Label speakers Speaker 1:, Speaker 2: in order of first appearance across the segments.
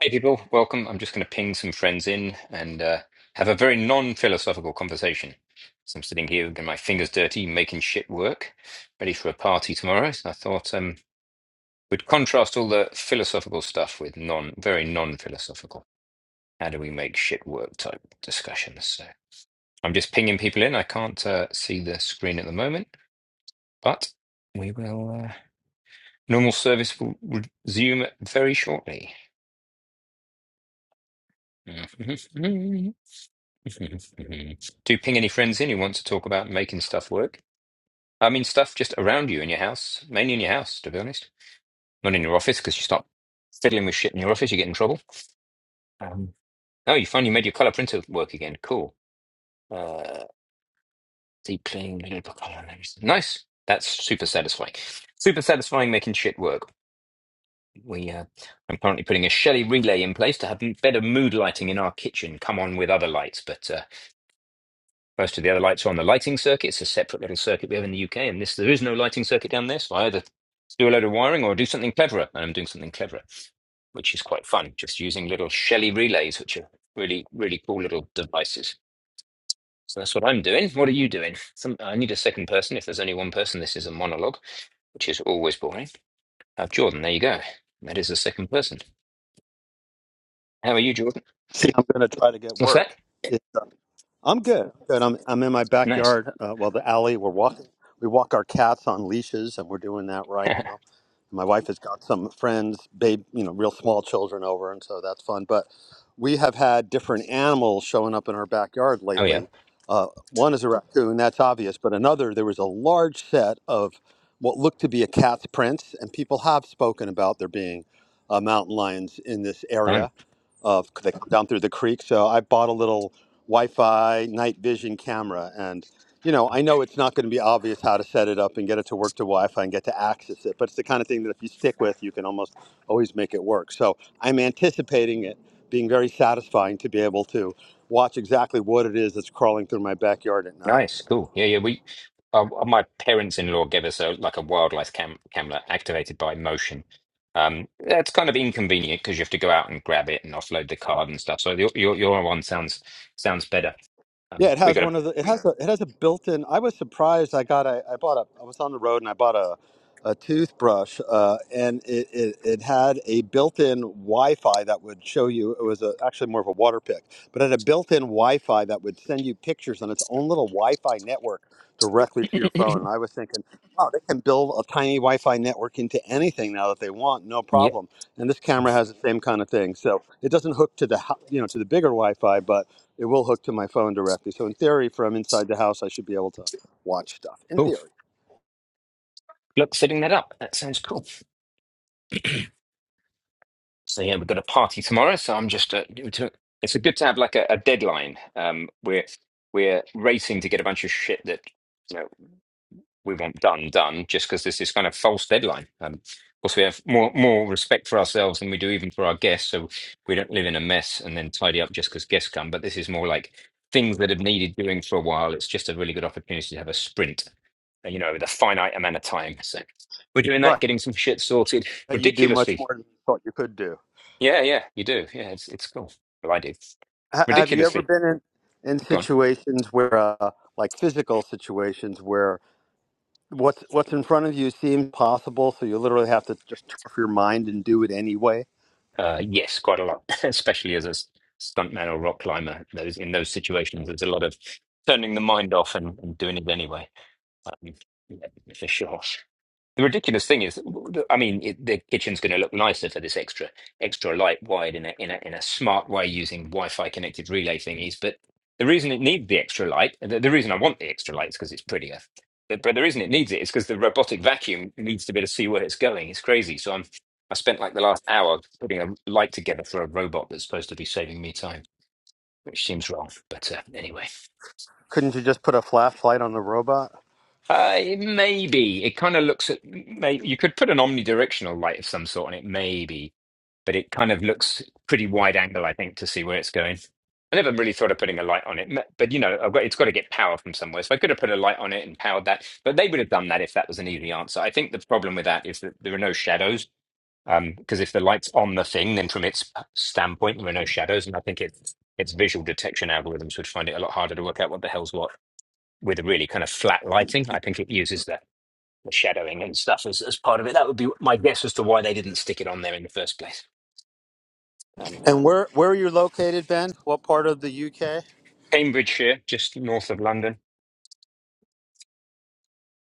Speaker 1: Hey, people, welcome. I'm just going to ping some friends in and uh, have a very non-philosophical conversation. So I'm sitting here getting my fingers dirty, making shit work, ready for a party tomorrow. So I thought um, we'd contrast all the philosophical stuff with non, very non-philosophical. How do we make shit work type discussions? So I'm just pinging people in. I can't uh, see the screen at the moment, but we will. Uh, normal service will resume very shortly. Mhm. Do you ping any friends in who want to talk about making stuff work. I mean, stuff just around you in your house, mainly in your house, to be honest. Not in your office, because you start fiddling with shit in your office, you get in trouble. Um, oh, you finally made your color printer work again. Cool. Uh, deep clean, little bit of color. Nice. That's super satisfying. Super satisfying making shit work. We, uh, I'm currently putting a Shelly relay in place to have better mood lighting in our kitchen. Come on with other lights, but uh, Most of the other lights are on the lighting circuit. It's a separate little circuit we have in the UK, and this there is no lighting circuit down there. So I either do a load of wiring or do something cleverer, and I'm doing something cleverer, which is quite fun. Just using little Shelly relays, which are really really cool little devices. So that's what I'm doing. What are you doing? Some, I need a second person. If there's only one person, this is a monologue, which is always boring. Uh, Jordan, there you go. That is the second person. How are you, Jordan?
Speaker 2: See, I'm going to try to get
Speaker 1: What's that?
Speaker 2: work. Yeah. I'm good. Good. I'm I'm in my
Speaker 1: Nice.
Speaker 2: backyard. Uh, well, the alley. We're walking. We walk our cats on leashes, and we're doing that right now.
Speaker 1: oh
Speaker 2: My wife has got some friends, babe, you know, real small children over, and so that's fun. But we have had different animals showing up in our backyard
Speaker 1: yeah,
Speaker 2: lately. Uh, one is a raccoon, that's obvious, but another, there was a large set of what looked to be a cat's prints, and people have spoken about there being uh, mountain lions in this
Speaker 1: fun.
Speaker 2: area of they down through the creek. So I bought a little Wi-Fi night vision camera, and you know I know it's not going to be obvious how to set it up and get it to work to Wi-Fi and get to access it, but it's the kind of thing that if you stick with, you can almost always make it work. So I'm anticipating it being very satisfying to be able to watch exactly what it is that's crawling through my backyard at night.
Speaker 1: Nice, cool. Yeah, yeah. We, uh, uh, my parents-in-law gave us a like a wildlife cam camera activated by motion. Um, that's kind of inconvenient because you have to go out and grab it and offload the card and stuff. So your your, your one sounds sounds better. Um,
Speaker 2: Yeah, it
Speaker 1: we
Speaker 2: has
Speaker 1: got a
Speaker 2: one of the. It has a. It has a built-in. I was surprised. I got. A, I bought a. I was on the road and I bought a a toothbrush, uh, and it, it, it had a built-in Wi-Fi that would show you. It was a, actually more of a water pick, but it had a built-in Wi-Fi that would send you pictures on its own little Wi-Fi network directly to your phone. And I was thinking, oh, they can build a tiny Wi-Fi network into anything now that they want, no
Speaker 1: yeah,
Speaker 2: problem. And this camera has the same kind of thing, so it doesn't hook to the hou- you know to the bigger Wi-Fi, but it will hook to my phone directly. So in theory, from inside the house, I should be able to watch stuff. In
Speaker 1: cool.
Speaker 2: theory,
Speaker 1: Look, setting that up. That sounds cool. So yeah, we've got a party tomorrow. So I'm just uh, to, it's good to have like a, a deadline. Um, we're we're racing to get a bunch of shit that. we want done done just because there's this kind of false deadline. Um, of course, we have more more respect for ourselves than we do even for our guests, so we don't live in a mess and then tidy up just because guests come. But this is more like things that have needed doing for a while. It's just a really good opportunity to have a sprint, uh, you know, with a finite amount of time. So we're doing
Speaker 2: right?
Speaker 1: that, getting some shit sorted
Speaker 2: that you do much more
Speaker 1: ridiculously.
Speaker 2: than you thought you could do.
Speaker 1: Yeah, yeah, you do. Yeah, it's it's cool. Well, I do
Speaker 2: H- have you ever
Speaker 1: ridiculously.
Speaker 2: been in, in
Speaker 1: Go on.
Speaker 2: situations where, uh, like physical situations, where what's what's in front of you seems possible, so you literally have to just turn off your mind and do it anyway?
Speaker 1: Uh, yes, quite a lot, especially as a s- stuntman or rock climber. Those in those situations, there's a lot of turning the mind off and, and doing it anyway, um, yeah, for sure. The ridiculous thing is, I mean, it, the kitchen's going to look nicer for this extra extra light wired in a in a in a smart way using Wi-Fi connected relay thingies. But the reason it needs the extra light, the, the reason I want the extra light is because it's prettier. But, but the reason it needs it is because the robotic vacuum needs to be able to see where it's going. It's crazy. So I'm I spent like the last hour putting a light together for a robot that's supposed to be saving me time, which seems wrong. But uh, anyway.
Speaker 2: Couldn't you just put a flashlight on the robot?
Speaker 1: Uh, it may be. It kind of looks at. May, you could put an omnidirectional light of some sort on it, maybe but it kind of looks pretty wide angle, I think, to see where it's going. I never really thought of putting a light on it, m- but you know, I've got, it's got to get power from somewhere. So I could have put a light on it and powered that, but they would have done that if that was an easy answer. I think the problem with that is that there are no shadows. Um, because if the light's on the thing, then from its standpoint, there are no shadows, and I think its its visual detection algorithms would find it a lot harder to work out what the hell's what with a really kind of flat lighting. I think it uses the, the shadowing and stuff as, as part of it. That would be my guess as to why they didn't stick it on there in the first place. Um,
Speaker 2: And where where are you located, Ben? What part of the UK?
Speaker 1: Cambridgeshire, just north of London.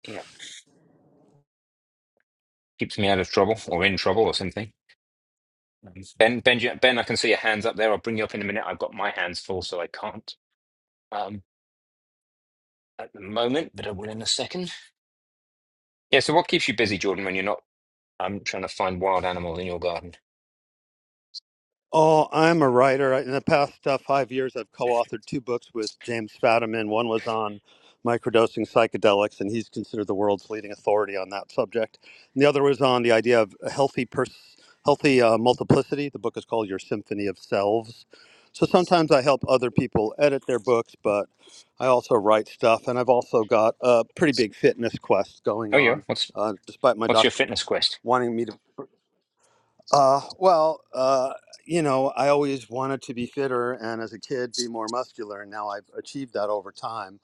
Speaker 1: Yeah, keeps me out of trouble or in trouble or something. Ben, Ben, Ben, I can see your hands up there. I'll bring you up in a minute. I've got my hands full, so I can't um, at the moment, but I will in a second. Yeah. So, what keeps you busy, Jordan, when you're not um, trying to find wild animals in your garden?
Speaker 2: Oh, I'm a writer. In the past uh, five years, I've co-authored two books with James Fadiman. One was on microdosing psychedelics, and he's considered the world's leading authority on that subject. And the other was on the idea of a healthy pers- healthy uh, multiplicity. The book is called Your Symphony of Selves. So sometimes I help other people edit their books, but I also write stuff, and I've also got a pretty big fitness quest going
Speaker 1: Oh, yeah.
Speaker 2: on,
Speaker 1: What's
Speaker 2: uh, despite my
Speaker 1: what's your
Speaker 2: doctor
Speaker 1: fitness quest?
Speaker 2: wanting me to uh, well, uh, you know, I always wanted to be fitter and as a kid be more muscular. And now I've achieved that over time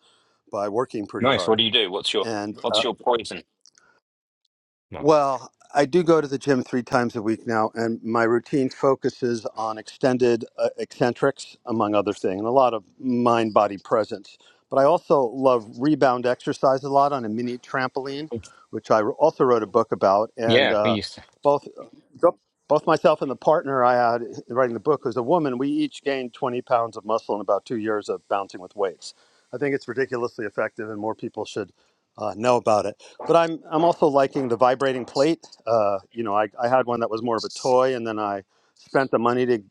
Speaker 2: by working pretty
Speaker 1: Nice. What
Speaker 2: hard.
Speaker 1: do you do? What's your
Speaker 2: And uh,
Speaker 1: what's your poison? No.
Speaker 2: well, I do go to the gym three times a week now, and my routine focuses on extended uh, eccentrics, among other things, and a lot of mind body presence. But I also love rebound exercise a lot on a mini trampoline, which I also wrote a book about. And
Speaker 1: yeah, we
Speaker 2: uh,
Speaker 1: used to.
Speaker 2: both both myself and the partner I had writing the book was a woman. We each gained 20 pounds of muscle in about two years of bouncing with weights. I think it's ridiculously effective, and more people should uh, know about it. But I'm I'm also liking the vibrating plate. Uh, you know, I, I had one that was more of a toy, and then I spent the money to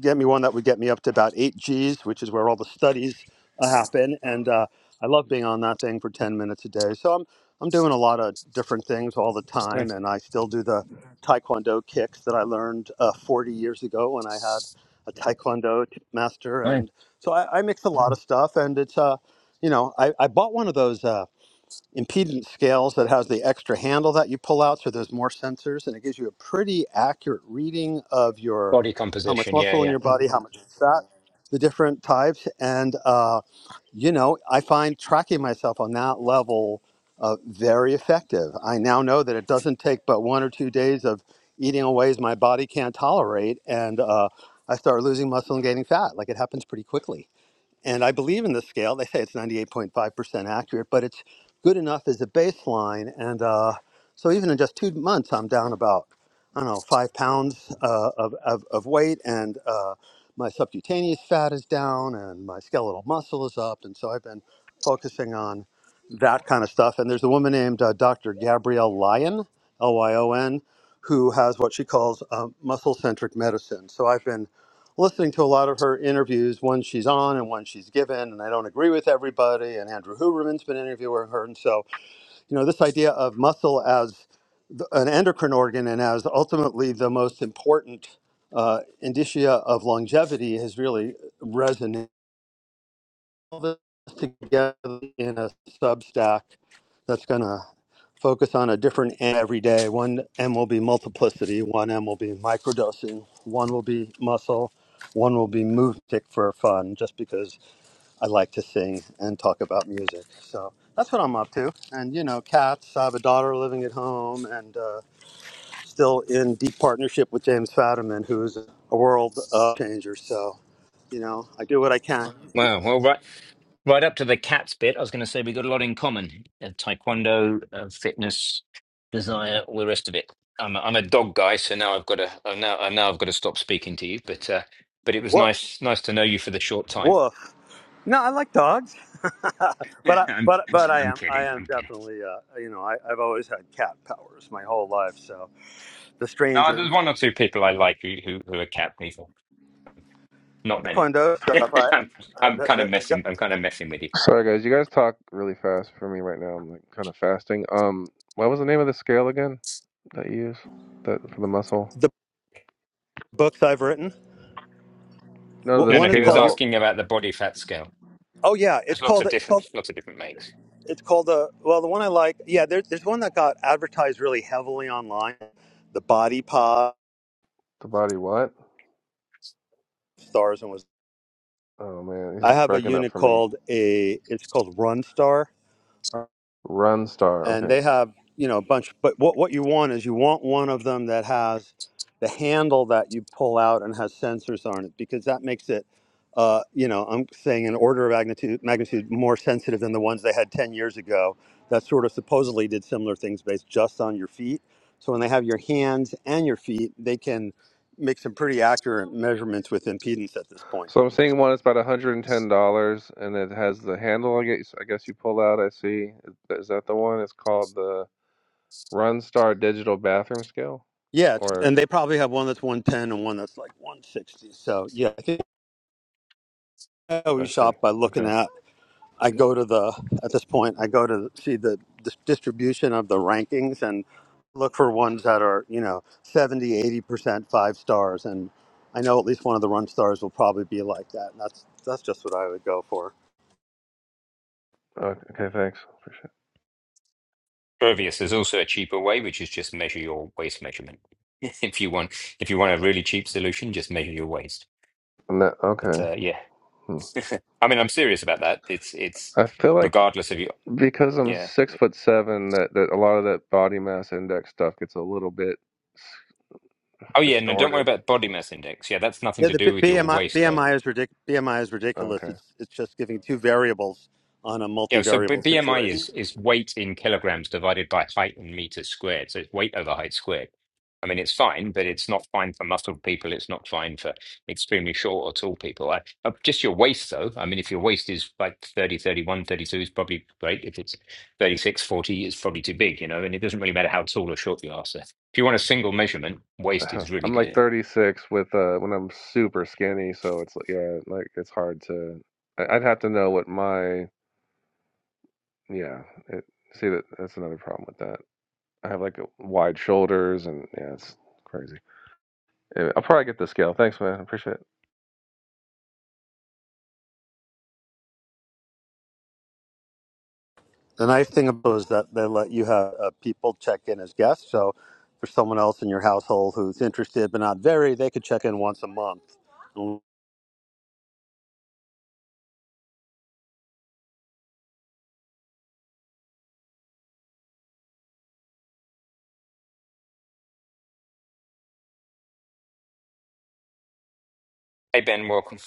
Speaker 2: get me one that would get me up to about eight Gs, which is where all the studies uh, happen. And uh, I love being on that thing for ten minutes a day. So I'm I'm doing a lot of different things all the time,
Speaker 1: Nice.
Speaker 2: and I still do the Taekwondo kicks that I learned uh, 40 years ago when I had a Taekwondo t- master.
Speaker 1: Nice.
Speaker 2: And so I, I mix a lot of stuff, and it's uh, you know, I, I bought one of those. Uh, impedance scales that has the extra handle that you pull out so there's more sensors and it gives you a pretty accurate reading of your
Speaker 1: Body
Speaker 2: how much
Speaker 1: composition. Yeah,
Speaker 2: muscle in
Speaker 1: yeah.
Speaker 2: your body how much fat the different types and uh, you know i find tracking myself on that level uh, very effective i now know that it doesn't take but one or two days of eating in ways my body can't tolerate and uh, i start losing muscle and gaining fat like it happens pretty quickly and I believe in the scale. They say it's 98.5% accurate, but it's good enough as a baseline. And uh, so even in just two months, I'm down about, I don't know, five pounds uh, of, of, of weight. And uh, my subcutaneous fat is down and my skeletal muscle is up. And so I've been focusing on that kind of stuff. And there's a woman named uh, Dr. Gabrielle Lyon, L Y O N, who has what she calls uh, muscle centric medicine. So I've been listening to a lot of her interviews, one she's on and one she's given, and I don't agree with everybody. And Andrew Huberman's been interviewing her. And so, you know, this idea of muscle as th- an endocrine organ and as ultimately the most important uh, indicia of longevity has really resonated this together in a Substack that's going to focus on a different M every day. One M will be multiplicity, one M will be microdosing, one will be muscle, one will be music for fun, just because I like to sing and talk about music. So that's what I'm up to. And, you know, cats, I have a daughter living at home and uh, still in deep partnership with James Fadiman, who's a world uh, changer. So, you know, I do what I can.
Speaker 1: Wow. Well, right. Right up to the cats bit, I was going to say we got a lot in common: uh, taekwondo, uh, fitness, desire, all the rest of it. I'm a, I'm a dog guy, so now I've got to I'm now I now I've got to stop speaking to you. But uh, but it was
Speaker 2: Woof,
Speaker 1: nice nice to know you for the short time.
Speaker 2: woof. No, I like dogs, but I,
Speaker 1: I'm
Speaker 2: but but I
Speaker 1: I'm
Speaker 2: am I
Speaker 1: kidding.
Speaker 2: am
Speaker 1: I'm kidding.
Speaker 2: definitely uh, you know I, I've always had cat powers my whole life. So the
Speaker 1: No,
Speaker 2: stranger
Speaker 1: there's one or two people I like who who, who are cat people. Not many.
Speaker 2: taekwondo stuff, I,
Speaker 1: I'm,
Speaker 2: I
Speaker 1: I'm kind of
Speaker 2: the, the,
Speaker 1: messing. I'm kind of messing with you.
Speaker 3: Sorry guys, you guys talk really fast for me right now. I'm like kind of fasting. Um, what was the name of the scale again that you use that for the muscle?
Speaker 2: the books I've written.
Speaker 3: No,
Speaker 2: w-
Speaker 3: the
Speaker 1: No,
Speaker 2: One
Speaker 1: no.
Speaker 2: is
Speaker 1: He was
Speaker 2: called your.
Speaker 3: scale,
Speaker 1: asking about the body fat scale.
Speaker 2: Oh yeah, it's
Speaker 1: There's lots
Speaker 2: called
Speaker 1: of
Speaker 2: it's
Speaker 1: different
Speaker 2: called
Speaker 1: lots of different makes.
Speaker 2: it's called uh, well the one I like yeah there's there's one that got advertised really heavily online, the Body Pod
Speaker 3: the body. What?
Speaker 2: Stars and was
Speaker 3: Oh man, he's
Speaker 2: I have a
Speaker 3: breaking up
Speaker 2: unit
Speaker 3: for me.
Speaker 2: called a it's called Run Star
Speaker 3: Run Star.
Speaker 2: and
Speaker 3: Okay,
Speaker 2: they have you know a bunch but what, what you want is you want one of them that has the handle that you pull out and has sensors on it because that makes it uh, you know i'm saying an order of magnitude magnitude more sensitive than the ones they had 10 years ago that sort of supposedly did similar things based just on your feet so when they have your hands and your feet they can make some pretty accurate measurements with impedance at this point
Speaker 3: so I'm seeing one. It's about 110 dollars, and it has the handle. I guess I guess you pull out. I see. Is is that the one? It's called the Run Star Digital Bathroom Scale.
Speaker 2: yeah it's-
Speaker 3: Or
Speaker 2: and they probably have one that's 110 and one that's like 160 so yeah i think I
Speaker 3: I
Speaker 2: always
Speaker 3: see.
Speaker 2: shop by looking
Speaker 3: Okay.
Speaker 2: at I go to the at this point I go to see the dis- distribution of the rankings and look for ones that are you know 70 80 percent five stars and I know at least one of the run stars will probably be like that and that's that's just what I would go for
Speaker 3: Okay. Thanks. Appreciate. It.
Speaker 1: Pervious is also a cheaper way, which is just measure your waist measurement. If you want, if you want a really cheap solution, just measure your waist.
Speaker 3: And that-
Speaker 1: But
Speaker 3: Okay.
Speaker 1: uh, yeah,
Speaker 3: Hmm.
Speaker 1: I mean, I'm serious about that. It's it's
Speaker 3: I feel like
Speaker 1: regardless of your
Speaker 3: because I'm
Speaker 1: yeah.
Speaker 3: six foot seven, that, that a lot of that body mass index stuff gets a little bit s-
Speaker 1: Oh yeah, no, don't worry
Speaker 3: distorted.
Speaker 1: about body mass index. Yeah, that's nothing
Speaker 2: yeah
Speaker 1: to
Speaker 2: the B-
Speaker 1: do with your
Speaker 2: BMI
Speaker 1: waist though.
Speaker 2: BMI is ridic- BMI is ridiculous
Speaker 3: Okay,
Speaker 2: it's it's just giving two variables on a
Speaker 1: Yeah, so B-
Speaker 2: multivariable
Speaker 1: BMI
Speaker 2: situation
Speaker 1: is is weight in kilograms divided by height in meters squared. So it's weight over height squared. I mean, it's fine, but it's not fine for muscled people. It's not fine for extremely short or tall people. I, uh, just your waist, though. I mean, if your waist is like 30, 31, 32 is probably great. If it's thirty-six, forty 40, it's probably too big, you know, and it doesn't really matter how tall or short you are. So if you want a single measurement, waist is really
Speaker 3: I'm like
Speaker 1: good.
Speaker 3: 36 with uh when I'm super skinny, so it's like yeah, like it's hard to. I- I'd have to know what my yeah. It, see that that's another problem with that. I have like a wide shoulders and yeah, it's crazy. Yeah, I'll probably get the scale. Thanks, man. I appreciate it.
Speaker 2: The nice thing about it is that they let you have uh, people check in as guests. So for someone else in your household who's interested but not very, they could check in once a month. What
Speaker 1: Hey, Ben, welcome.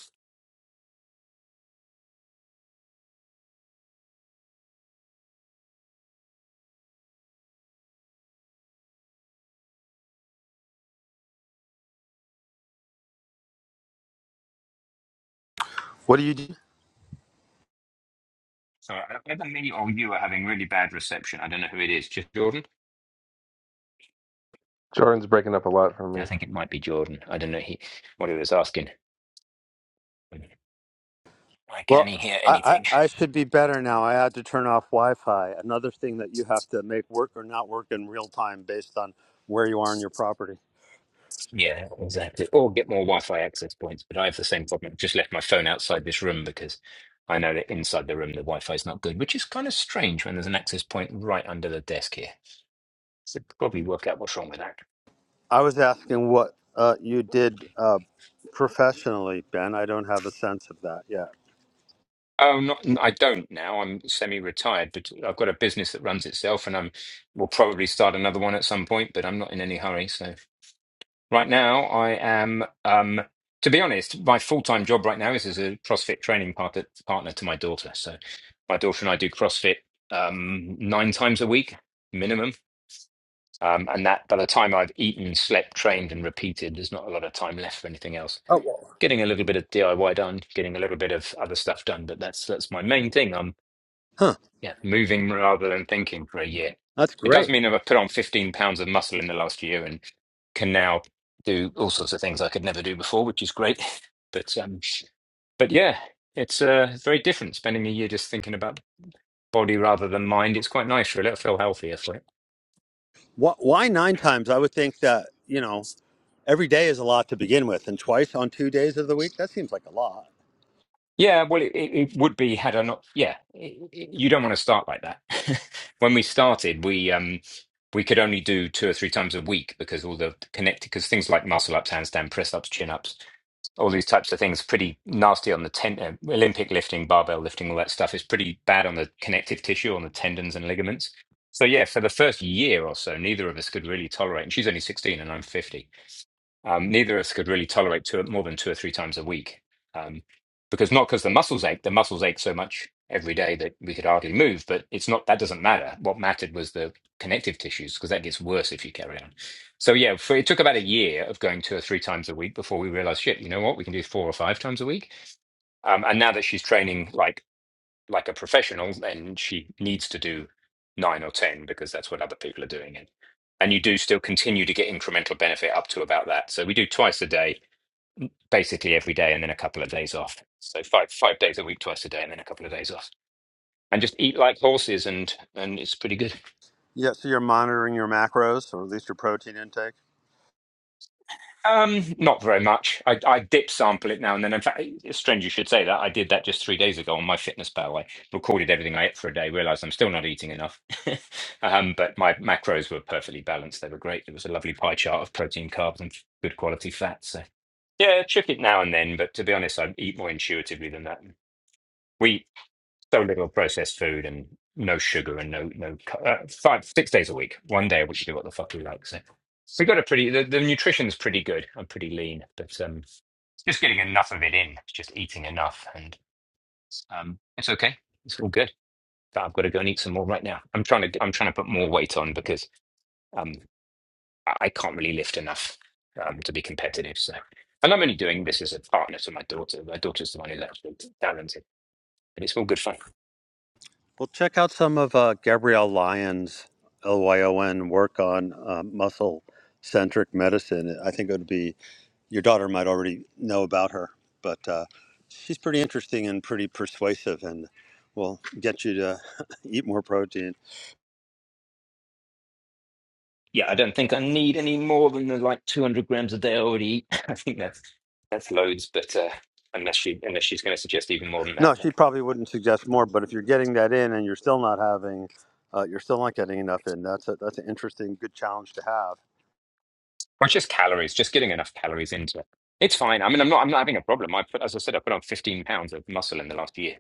Speaker 2: do you do?
Speaker 1: Sorry, either me or you are having really bad reception. I don't know who it is. Just Jordan?
Speaker 3: Jordan's breaking up a lot for
Speaker 1: I
Speaker 3: me.
Speaker 1: think it might be Jordan. I don't know he what he was asking. Why can
Speaker 2: Well,
Speaker 1: he hear
Speaker 2: I, I,
Speaker 1: anything?
Speaker 2: I should be better now. I had to turn off Wi-Fi. Another thing that you have to make work or not work in real time based on where you are on your property.
Speaker 1: Yeah, exactly. Or get more Wi-Fi access points. But I have the same problem. I've just left my phone outside this room because I know that inside the room the Wi-Fi is not good, which is kind of strange when there's an access point right under the desk here. So probably work out what's wrong with that.
Speaker 2: I was asking what uh, you did uh, professionally, Ben. I don't have a sense of that yet.
Speaker 1: Oh, not I don't now. I'm semi-retired, but I've got a business that runs itself, and I'm will probably start another one at some point. But I'm not in any hurry, so. Right now, I am, um, to be honest, my full-time job right now is as a CrossFit training partner, partner to my daughter. So my daughter and I do CrossFit um, nine times a week minimum. Um, and that by the time I've eaten, slept, trained, and repeated, there's not a lot of time left for anything else.
Speaker 2: Oh, well.
Speaker 1: Getting a little bit of DIY done, getting a little bit of other stuff done, but that's that's my main thing. I'm
Speaker 2: huh?
Speaker 1: yeah. Moving rather than thinking for a year.
Speaker 2: That's
Speaker 1: It does
Speaker 2: great.
Speaker 1: mean that I've put on 15 pounds of muscle in the last year and can now do all sorts of things I could never do before, which is great. But um, but yeah, it's uh, it's very different spending a year just thinking about body rather than mind. It's quite nice, really. I feel healthier for it.
Speaker 2: Why, why nine times? I would think that you know Every day is a lot to begin with, and twice on two days of the week, that seems like a lot.
Speaker 1: Yeah, well, it, it it would be had I not. Yeah, it, it- you don't want to start like that. When we started, we um we could only do two or three times a week because all the connected because things like muscle ups, handstand, press ups, chin ups all these types of things pretty nasty on the ten- uh, Olympic lifting, barbell lifting, all that stuff is pretty bad on the connective tissue, on the tendons and ligaments. So yeah, for the first year or so, neither of us could really tolerate. And she's only sixteen, and I'm fifty um, neither of us could really tolerate two, more than two or three times a week um, because not because the muscles ache, the muscles ache so much every day that we could hardly move, but it's not that doesn't matter. What mattered was the connective tissues because that gets worse if you carry on. So, yeah, for, it took about a year of going two or three times a week before we realized, shit, you know what, we can do four or five times a week. Um, and now that she's training like like a professional, then she needs to do nine or 10 because that's what other people are doing. And, and you do still continue to get incremental benefit up to about that. So we do twice a day, basically every day, and then a couple of days off. So five, five days a week, twice a day, and then a couple of days off. And just eat like horses, and and it's pretty good.
Speaker 2: Yeah, so you're monitoring your macros, or at least your protein intake.
Speaker 1: Um, not very much. I, I dip sample it now and then. In fact, it's strange you should say that. I did that just three days ago on my fitness pal. I recorded everything I ate for a day, realized I'm still not eating enough. um, but my macros were perfectly balanced. They were great. It was a lovely pie chart of protein, carbs, and good quality fat. So yeah, check it now and then. But to be honest, I eat more intuitively than that. We so little processed food and no sugar and no no cu- uh, five six days a week, one day a week you do what the fuck you like. So we got a pretty the, the nutrition's pretty good. I'm pretty lean, but um, just getting enough of it in, just eating enough, and um, it's okay. It's all good. But I've got to go and eat some more right now. I'm trying to I'm trying to put more weight on because um, I, I can't really lift enough um, to be competitive. So. And I'm only doing this as a partner to my daughter. My daughter's the one who's actually talented, but it's all good fun.
Speaker 2: Well, check out some of uh, Gabrielle Lyon's L Y O N work on uh, muscle centric medicine. I think it would be your daughter might already know about her, but uh, she's pretty interesting and pretty persuasive, and will get you to eat more protein.
Speaker 1: Yeah, I don't think I need any more than the like 200 grams a day I already eat. I think that's that's loads, but uh, unless she unless she's going to suggest even more than that,
Speaker 2: No, she probably wouldn't suggest
Speaker 1: um,
Speaker 2: more. But if you're getting that in and you're still not having, uh, you're still not getting enough in. That's a, that's an interesting, good challenge to have.
Speaker 1: or it's just calories, just getting enough calories into it. It's fine. I mean, I'm not I'm not having a problem. I put, as I said, I put on 15 pounds of muscle in the last year,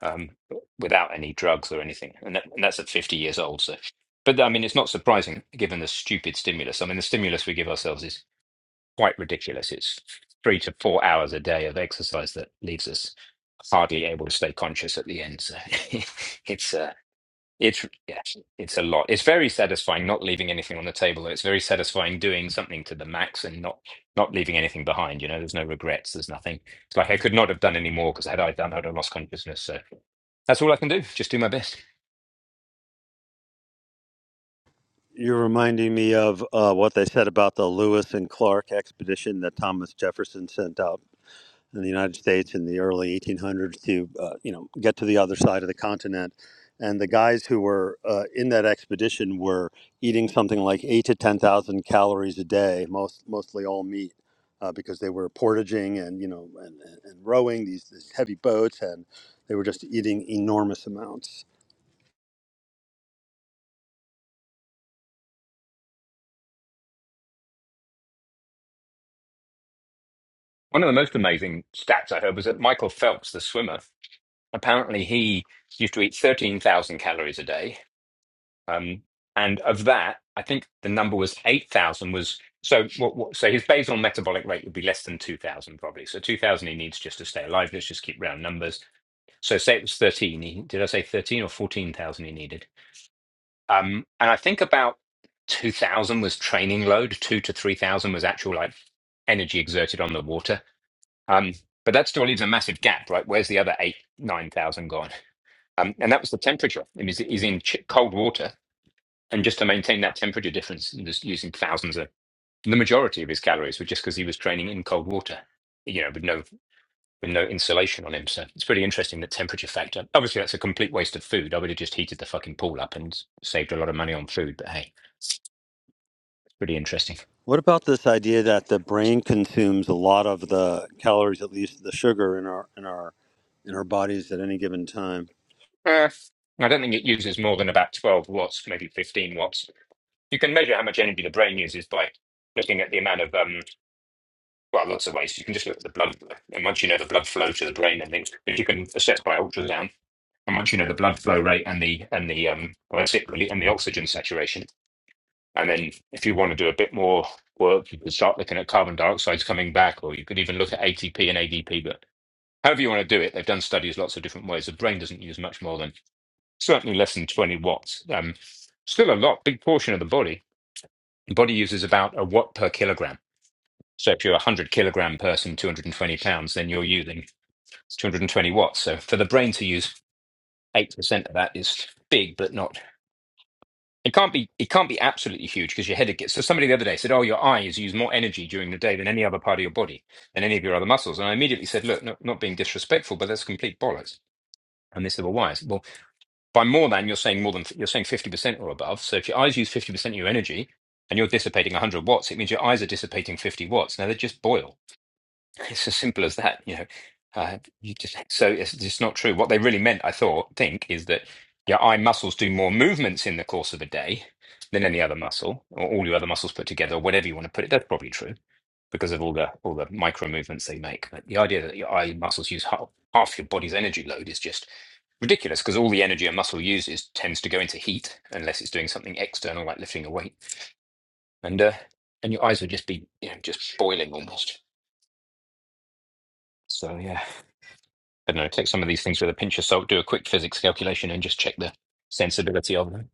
Speaker 1: um, without any drugs or anything, and, that, and that's at 50 years old. So, but I mean, it's not surprising given the stupid stimulus. I mean, the stimulus we give ourselves is. quite ridiculous. It's three to four hours a day of exercise that leaves us hardly able to stay conscious at the end. So it's uh, it's yeah, it's a lot. It's very satisfying not leaving anything on the table. It's very satisfying doing something to the max and not not leaving anything behind. You know, there's no regrets. There's nothing. It's like I could not have done any more because had I done, I'd have lost consciousness. So that's all I can do. Just do my best.
Speaker 2: You're reminding me of uh, what they said about the Lewis and Clark expedition that Thomas Jefferson sent out in the United States in the early 1800s to uh, you know get to the other side of the continent. And the guys who were uh, in that expedition were eating something like eight to ten thousand calories a day, most mostly all meat, uh, because they were portaging and you know and, and and rowing these, these heavy boats, and they were just eating enormous amounts.
Speaker 1: One of the most amazing stats I heard was that Michael Phelps, the swimmer, apparently he used to eat 13,000 calories a day Um, and of that, I think the number was 8,000 was so what, what, so his basal metabolic rate would be less than 2,000 probably. So 2,000 he needs just to stay alive. Let's just keep round numbers. So say it was 13. He, did I say 13 or 14,000 he needed? Um, and I think about 2,000 was training load. Two to 3,000 was actual like energy exerted on the water. Um, but that still leaves a massive gap, right? Where's the other eight, 9,000 gone? Um, and that was the temperature. It was, he's he's in ch- cold water and just to maintain that temperature difference and just using thousands of the majority of his calories were just because he was training in cold water you know with no with no insulation on him so it's pretty interesting that temperature factor obviously that's a complete waste of food i would have just heated the fucking pool up and saved a lot of money on food but hey it's pretty interesting
Speaker 2: What about this idea that the brain consumes a lot of the calories, at least the sugar in our in our in our bodies at any given time?
Speaker 1: uh, i don't think it uses more than about 12 watts maybe 15 watts you can measure how much energy the brain uses by looking at the amount of um well lots of ways you can just look at the blood and once you know the blood flow to the brain and things but you can assess by ultrasound how much you know the blood flow rate and the and the um well that's it really and the oxygen saturation and then if you want to do a bit more work you could start looking at carbon dioxide's coming back or you could even look at atp and adp but however you want to do it they've done studies lots of different ways the brain doesn't use much more than certainly less than 20 watts um still a lot big portion of the body the body uses about a watt per kilogram so if you're a 100 kilogram person 220 pounds then you're using 220 watts so for the brain to use 8% of that is big but not It can't be it can't be absolutely huge because your head gets so somebody the other day said, Oh, your eyes use more energy during the day than any other part of your body, than any of your other muscles. And I immediately said, Look, not, not being disrespectful, but that's complete bollocks. And they said, Well, why? I said, well, by more than you're saying more than you're saying fifty percent or above. So if your eyes use fifty percent of your energy and you're dissipating one hundred watts, it means your eyes are dissipating fifty watts. Now they just boil. It's as simple as that, you know. Uh, you just so it's just not true. What they really meant, I thought, think, is that your eye muscles do more movements in the course of a day than any other muscle, or all your other muscles put together, or whatever you want to put it. That's probably true because of all the all the micro movements they make. But the idea that your eye muscles use half, half your body's energy load is just ridiculous because all the energy a muscle uses tends to go into heat unless it's doing something external like lifting a weight, and uh, and your eyes would just be you know, just boiling almost. So yeah. I don't know, take some of these things with a pinch of salt, do a quick physics calculation, and just check the sensibility of them.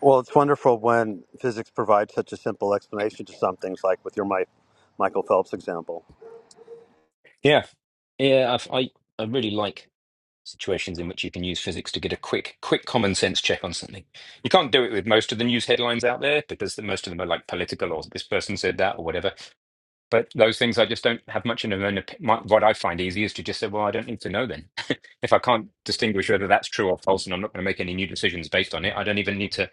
Speaker 2: Well, it's wonderful when physics provides such a simple explanation to some things, like with your Mi- Michael Phelps example.
Speaker 1: Yeah, yeah, I've, I I really like situations in which you can use physics to get a quick, quick common sense check on something. You can't do it with most of the news headlines out there because the, most of them are like political or this person said that or whatever. but those things I just don't have much in them. And op- my, what I find easy is to just say, well, I don't need to know then. if I can't distinguish whether that's true or false, and I'm not going to make any new decisions based on it, I don't even need to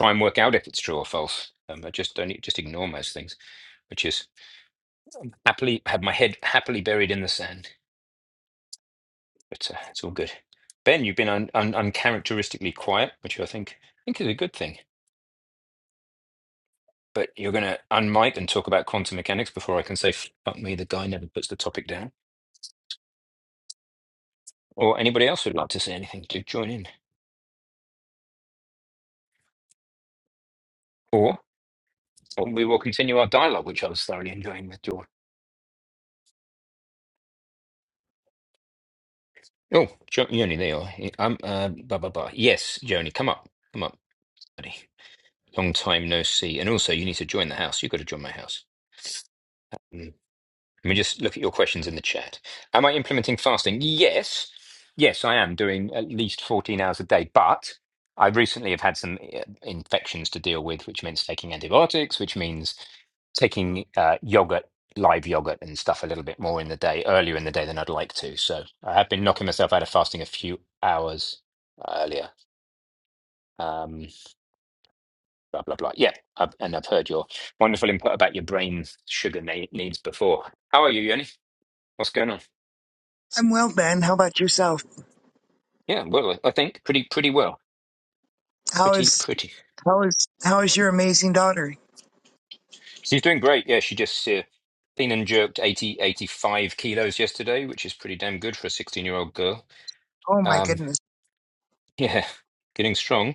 Speaker 1: try and work out if it's true or false. Um, I just don't need, just ignore most things, which is happily have my head happily buried in the sand. But uh, it's all good. Ben, you've been un, un, uncharacteristically quiet, which I think I think is a good thing. But you're going to unmic and talk about quantum mechanics before I can say, fuck me, the guy never puts the topic down. or anybody else who'd like to say anything, do join in. Or, or we will continue our dialogue, which I was thoroughly enjoying with George. Oh, jo- Joni, there you are. I'm, uh, blah, blah, blah. Yes, Joni, come up. Come up, buddy. Long time no see. And also, you need to join the house. You've got to join my house. Let me just look at your questions in the chat. Am I implementing fasting? Yes. Yes, I am doing at least 14 hours a day, but I recently have had some uh, infections to deal with, which means taking antibiotics, which means taking uh, yogurt, live yogurt and stuff a little bit more in the day, earlier in the day than I'd like to. So I have been knocking myself out of fasting a few hours earlier. Um, blah, blah, blah. Yeah. I've, and I've heard your wonderful input about your brain sugar ne- needs before. How are you, Yoni? What's going on?
Speaker 4: I'm well, Ben. How about yourself?
Speaker 1: Yeah, well, I think pretty pretty well.
Speaker 4: How
Speaker 1: Pretty
Speaker 4: is
Speaker 1: pretty.
Speaker 4: how is how is your amazing daughter?
Speaker 1: She's doing great. Yeah, she just uh, clean and jerked 80, 85 kilos yesterday, which is pretty damn good for a 16 year old girl.
Speaker 4: Oh my
Speaker 1: Um,
Speaker 4: goodness.
Speaker 1: yeah, getting strong.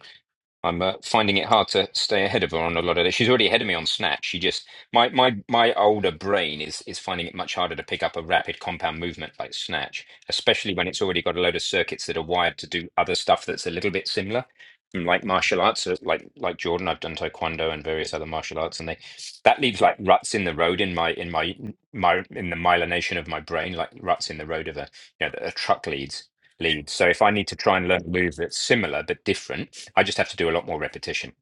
Speaker 1: I'm uh, finding it hard to stay ahead of her on a lot of this. She's already ahead of me on Snatch. She just my my my older brain is is finding it much harder to pick up a rapid compound movement like Snatch, especially when it's already got a load of circuits that are wired to do other stuff that's a little bit similar. And Like martial arts, uh, like like Jordan, I've done taekwondo and various other martial arts, and they that leaves like ruts in the road in my in my my in the myelination of my brain, like ruts in the road of a you know that a truck leads lead. So if I need to try and learn a move that's similar but different I just have to do a lot more repetition.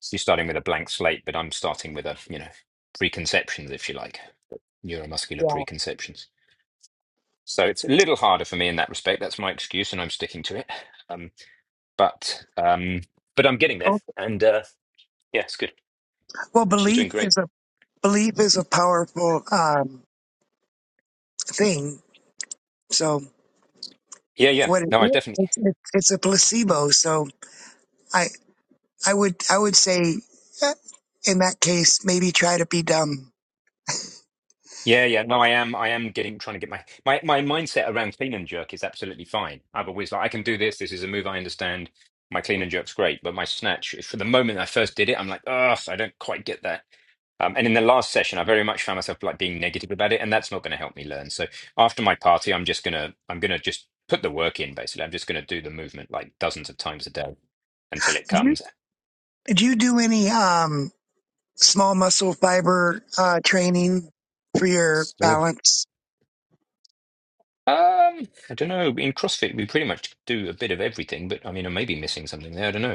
Speaker 1: So you're starting with a blank slate, but I'm starting with a, you know, preconceptions, if you like, neuromuscular
Speaker 4: Yeah.
Speaker 1: preconceptions. So it's a little harder for me in that respect. That's my excuse, and I'm sticking to it. Um, but um, but I'm getting there,
Speaker 4: Oh,
Speaker 1: and uh, yeah, it's good.
Speaker 4: Well,
Speaker 1: She's doing
Speaker 4: belief
Speaker 1: great.
Speaker 4: is a belief is a powerful um, thing. So
Speaker 1: Yeah, yeah.
Speaker 4: what it,
Speaker 1: No,
Speaker 4: is,
Speaker 1: I definitely
Speaker 4: it's, it's it's a placebo. So I I would I would say eh, in that case maybe try to be dumb.
Speaker 1: Yeah, yeah. No, I am. I am getting trying to get my my my mindset around clean and jerk is absolutely fine. I've always like I can do this. This is a move I understand. My clean and jerk's great, but my snatch for the moment I first did it, I'm like, ugh, I don't quite get that. Um, and in the last session, I very much found myself like being negative about it, and that's not going to help me learn. So after my party, I'm just gonna I'm gonna just put the work in. Basically, I'm just gonna do the movement like dozens of times a day until it
Speaker 4: Do you,
Speaker 1: comes.
Speaker 4: did you do any um, small muscle fiber uh, training for your
Speaker 1: Oh,
Speaker 4: balance?
Speaker 1: um, I don't know. In CrossFit, we pretty much do a bit of everything, but I mean, I may be missing something there. I don't know.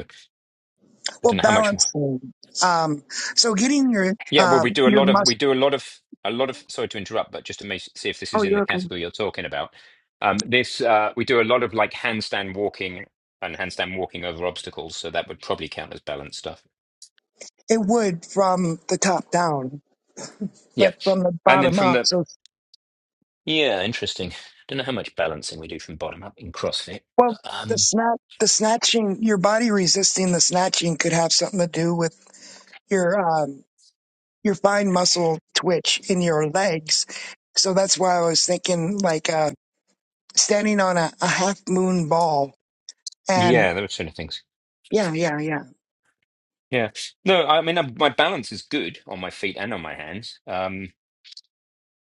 Speaker 1: I
Speaker 4: Well,
Speaker 1: don't know how much more.
Speaker 4: balancing. Um, so getting your
Speaker 1: Yeah, well,
Speaker 4: uh,
Speaker 1: we do a
Speaker 4: your
Speaker 1: lot of we
Speaker 4: muscle.
Speaker 1: do a lot of a lot of. Sorry to interrupt, but just to make, see if this
Speaker 4: Oh,
Speaker 1: is in the
Speaker 4: you're okay.
Speaker 1: category you're talking about. Um, this uh, we do a lot of like handstand walking and handstand walking over obstacles, so that would probably count as balance stuff.
Speaker 4: It would from the top down,
Speaker 1: Yeah,
Speaker 4: but from the
Speaker 1: and then
Speaker 4: bottom
Speaker 1: from
Speaker 4: up.
Speaker 1: the
Speaker 4: So
Speaker 1: yeah, interesting. Don't know how much balancing we do from bottom up in CrossFit.
Speaker 4: Well, the
Speaker 1: Um,
Speaker 4: snat the snatching, your body resisting the snatching could have something to do with your um, your fine muscle twitch in your legs. So that's why I was thinking like uh, standing on a, a half moon ball. And
Speaker 1: yeah, those sort of things.
Speaker 4: yeah, yeah, yeah.
Speaker 1: Yeah, no, I mean i my balance is good on my feet and on my hands. Um,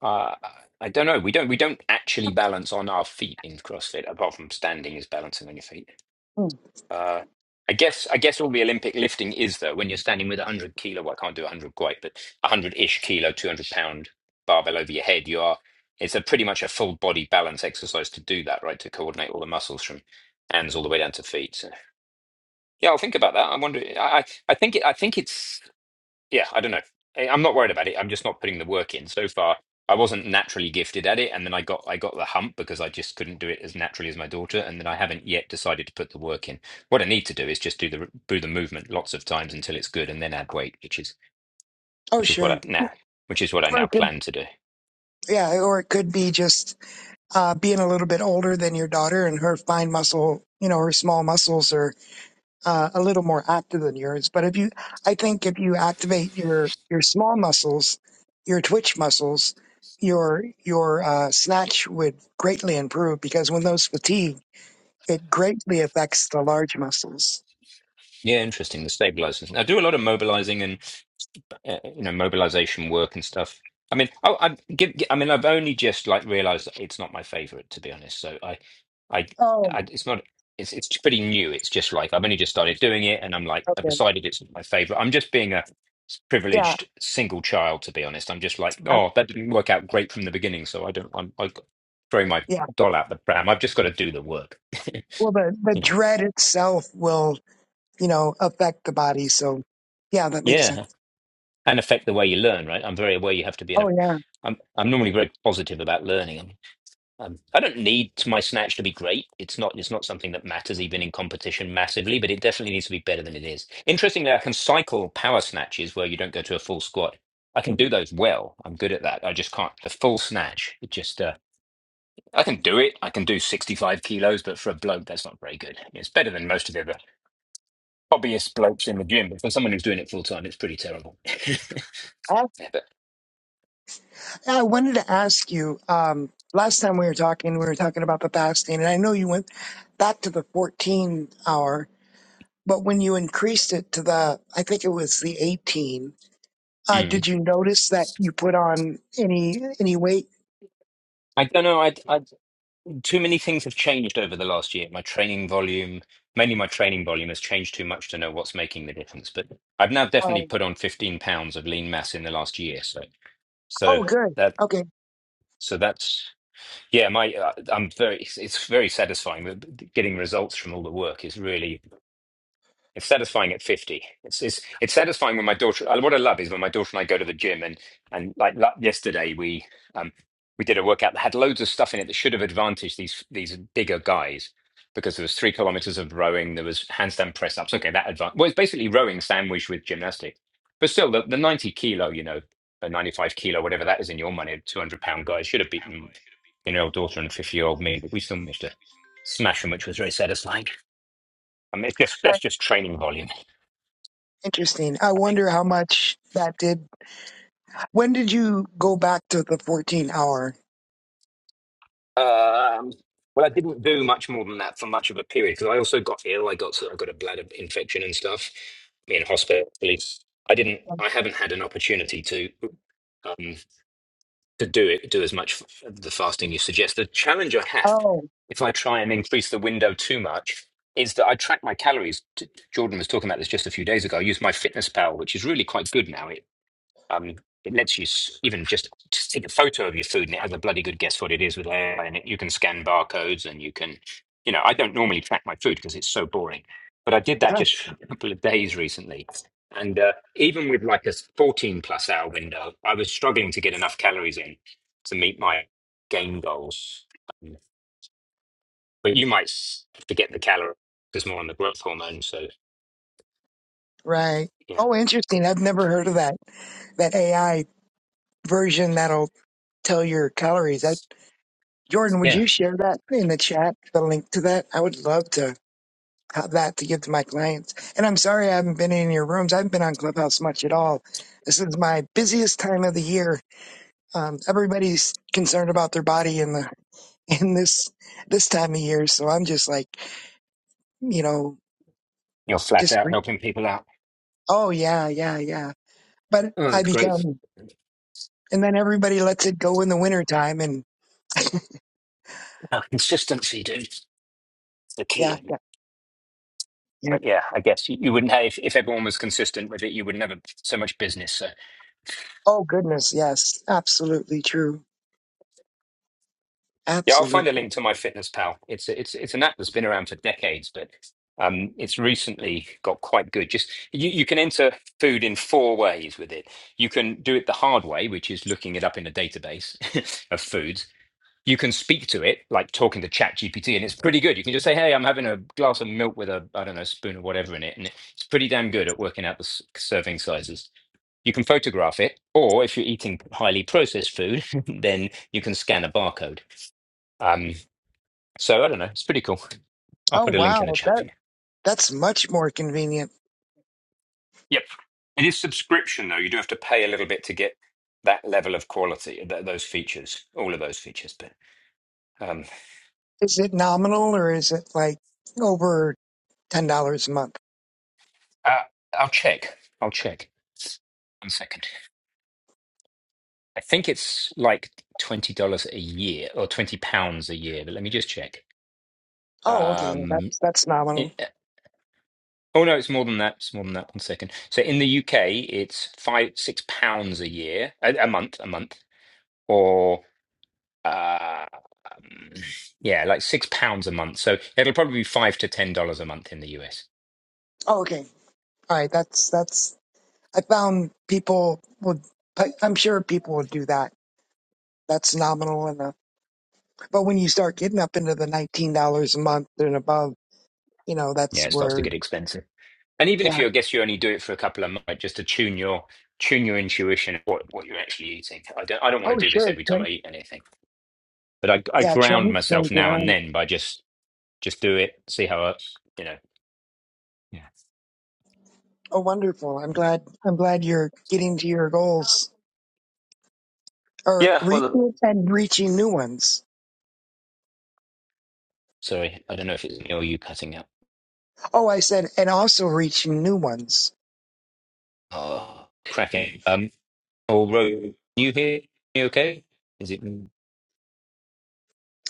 Speaker 1: Uh, I don't know. We don't we don't actually balance on our feet in CrossFit, apart from standing is balancing on your feet. Uh, I guess I guess all the Olympic lifting is though when you're standing with a hundred kilo. Well, I can't do a hundred quite, but a hundred-ish kilo, two hundred pound barbell over your head. You are. It's a pretty much a full body balance exercise to do that, right? To coordinate all the muscles from hands all the way down to feet. So yeah, I'll think about that. I wonder. I I I think it, I think it's yeah, I don't know. I- I'm not worried about it. I'm just not putting the work in. So far, I wasn't naturally gifted at it, and then I got I got the hump because I just couldn't do it as naturally as my daughter, and then I haven't yet decided to put the work in. What I need to do is just do the do the movement lots of times until it's good, and then add weight, which is
Speaker 4: Oh,
Speaker 1: which is what
Speaker 4: sure.
Speaker 1: I now which is what I
Speaker 4: Or
Speaker 1: now
Speaker 4: it could,
Speaker 1: plan to do.
Speaker 4: yeah, or it could be just uh, being a little bit older than your daughter and her fine muscle, you know, her small muscles are uh, a little more active than yours. But if you, I think if you activate your your small muscles, your twitch muscles, your your uh, snatch would greatly improve because when those fatigue, it greatly affects the large muscles.
Speaker 1: Yeah, interesting. The stabilizers. I do a lot of mobilizing uh, you know mobilization work and stuff i mean I, I give i mean i've only just like realized that it's not my favorite to be honest so i i,
Speaker 4: Oh,
Speaker 1: I it's not it's it's pretty new it's just like i've only just started doing it and i'm like i've
Speaker 4: okay,
Speaker 1: decided it's not my favorite i'm just being a
Speaker 4: yeah,
Speaker 1: privileged single child to be honest i'm just like
Speaker 4: uh,
Speaker 1: oh that didn't work out great from the beginning so i don't i'm like throwing my
Speaker 4: yeah.
Speaker 1: doll out the pram i've just got to do the work
Speaker 4: Well, the the
Speaker 1: you know
Speaker 4: dread itself will you know affect the body. So yeah, that makes
Speaker 1: yeah
Speaker 4: sense.
Speaker 1: and affect the way you learn right i'm very aware you have to be in
Speaker 4: Oh
Speaker 1: a
Speaker 4: yeah,
Speaker 1: i'm i'm normally very positive about learning Um, I don't need my snatch to be great. It's not. It's not something that matters even in competition massively, but it definitely needs to be better than it is. Interestingly, I can cycle power snatches where you don't go to a full squat. I can do those well. I'm good at that. I just can't the full snatch. It just. Uh, I can do it. I can do 65 kilos, but for a bloke, that's not very good. It's better than most of the other hobbyist blokes in the gym, but for someone who's doing it full time, it's pretty terrible. but,
Speaker 4: Yeah, I wanted to ask you, um, last time we were talking, we were talking about the fasting, and I know you went back to the 14 hour, but when you increased it to the, I think it was the 18, uh,
Speaker 1: mm.
Speaker 4: did you notice that you put on any, any weight?
Speaker 1: I don't know. I, I too many things have changed over the last year. My training volume, mainly my training volume, has changed too much to know what's making the difference. But I've now definitely
Speaker 4: Um,
Speaker 1: put on 15 pounds of lean mass in the last year. So, so
Speaker 4: oh, good.
Speaker 1: that,
Speaker 4: Okay.
Speaker 1: so that's, yeah, my, uh, I'm very, it's, it's very satisfying. The- Getting results from all the work is really it's satisfying at 50. It's, it's it's satisfying when my daughter uh, what I love is when my daughter and I go to the gym and and like la- yesterday we um we did a workout that had loads of stuff in it that should have advantaged these these bigger guys because there was three kilometers of rowing, there was handstand press ups. Okay, that advanced well it's basically rowing sandwiched with gymnastics. But still the, the 90 kilo, you know, a 95 kilo, whatever that is in your money, 200 pound guy should have beaten you know, daughter and 50 year old me, but we still managed to smash them, which was very satisfying. I mean, it's just that's
Speaker 4: That's
Speaker 1: just training volume.
Speaker 4: interesting. I
Speaker 1: I think.
Speaker 4: wonder how much that did. When did you go back to the 14 hour?
Speaker 1: Um, well, I didn't do much more than that for much of a period because I also got ill. I got I got a bladder infection and stuff. Me in hospital. really. I didn't. I haven't had an opportunity to um, to do it. Do as much f- the fasting you suggest. The challenge I have,
Speaker 4: Oh,
Speaker 1: if I try and increase the window too much, is that I track my calories. T- Jordan was talking about this just a few days ago. I use my Fitness Pal, which is really quite good now. Um, it lets you s- even just just take a photo of your food, and it has a bloody good guess what it is with AI. And it, you can scan barcodes, and you can, you know, I don't normally track my food because it's so boring, but I did that
Speaker 4: ah,
Speaker 1: just for a couple of days recently. And uh, even with like a 14 plus hour window, I was struggling to get enough calories in to meet my game goals. Um, But you might s- forget the calories because more on the growth hormone. So,
Speaker 4: right.
Speaker 1: yeah.
Speaker 4: Oh, interesting. I've never heard of that, that AI version that'll tell your calories. I, Jordan, would
Speaker 1: Yeah.
Speaker 4: you share that in the chat, the link to that? I would love to have that to give to my clients. And I'm sorry I haven't been in your rooms. I haven't been on Clubhouse much at all. This is my busiest time of the year. Um, everybody's concerned about their body in the in this this time of year. So I'm just like, you know,
Speaker 1: You're flat
Speaker 4: just
Speaker 1: out
Speaker 4: re-
Speaker 1: helping people out.
Speaker 4: oh yeah, yeah, yeah. But
Speaker 1: Oh,
Speaker 4: I
Speaker 1: that's great.
Speaker 4: become, and then everybody lets it go in the winter time, and
Speaker 1: Oh, consistency, dude. the key,
Speaker 4: yeah,
Speaker 1: isn't it?
Speaker 4: yeah, yeah.
Speaker 1: But yeah, I guess you, you wouldn't have if, if everyone was consistent with it, you wouldn't have so much business. So
Speaker 4: Oh goodness, yes, absolutely true.
Speaker 1: yeah, I'll
Speaker 4: Absolutely.
Speaker 1: find a link to my Fitness Pal. It's a, it's it's an app that's been around for decades, but um, it's recently got quite good. Just you, you can enter food in four ways with it. You can do it the hard way, which is looking it up in a database of foods. You can speak to it like talking to Chat GPT, and it's pretty good. You can just say, "Hey, I'm having a glass of milk with a I don't know spoon or whatever in it," and it's pretty damn good at working out the s- serving sizes You can photograph it, or if you're eating highly processed food, then you can scan a barcode. Um, so I don't know. It's pretty cool. I'll
Speaker 4: Oh
Speaker 1: put a link in the
Speaker 4: wow,
Speaker 1: chat
Speaker 4: that
Speaker 1: for you.
Speaker 4: that's much more convenient.
Speaker 1: Yep. It is subscription, though. You do have to pay a little bit to get that level of quality, th- those features, all of those features. But um,
Speaker 4: Is it nominal or is it like over ten dollars a month?
Speaker 1: uh, I'll check. I'll check. One second. I think it's like $20 a year or £20 a year, but let me just check.
Speaker 4: Oh, okay, well
Speaker 1: Um,
Speaker 4: that's that's nominal.
Speaker 1: Oh no, it's more than that. It's more than that. One second. So in the UK, it's five, six pounds a year, a, a month, a month, or um, yeah, like six pounds a month. So it'll probably be five to ten dollars a month in the US.
Speaker 4: Oh, okay, all right, that's that's. I found people would. I- I'm sure people would do that. That's nominal enough. But when you start getting up into the nineteen dollars a month and above, you know
Speaker 1: Yeah,
Speaker 4: that's
Speaker 1: it starts to
Speaker 4: where.
Speaker 1: get expensive. And even if
Speaker 4: Yeah.
Speaker 1: you, I guess you only do it for a couple of months, like, just to tune your tune your intuition of what what you're actually eating. I don't, I don't want
Speaker 4: Oh
Speaker 1: to do this
Speaker 4: sure.
Speaker 1: every time
Speaker 4: Drink.
Speaker 1: I eat anything, but I, I
Speaker 4: Yeah,
Speaker 1: ground
Speaker 4: Chinese
Speaker 1: myself
Speaker 4: drink.
Speaker 1: now
Speaker 4: yeah.
Speaker 1: and then by just just do it, see how I, you know. Yeah.
Speaker 4: Oh wonderful. I'm
Speaker 1: Yeah.
Speaker 4: glad. I'm glad you're getting to your goals. or
Speaker 1: Yeah,
Speaker 4: re-
Speaker 1: well,
Speaker 4: and reaching new ones.
Speaker 1: Sorry, I don't know if it's me or you cutting out.
Speaker 4: Oh, I said, and also reaching new ones.
Speaker 1: Oh, cracking. Um, oh, Ro, you here? You okay? Is it me?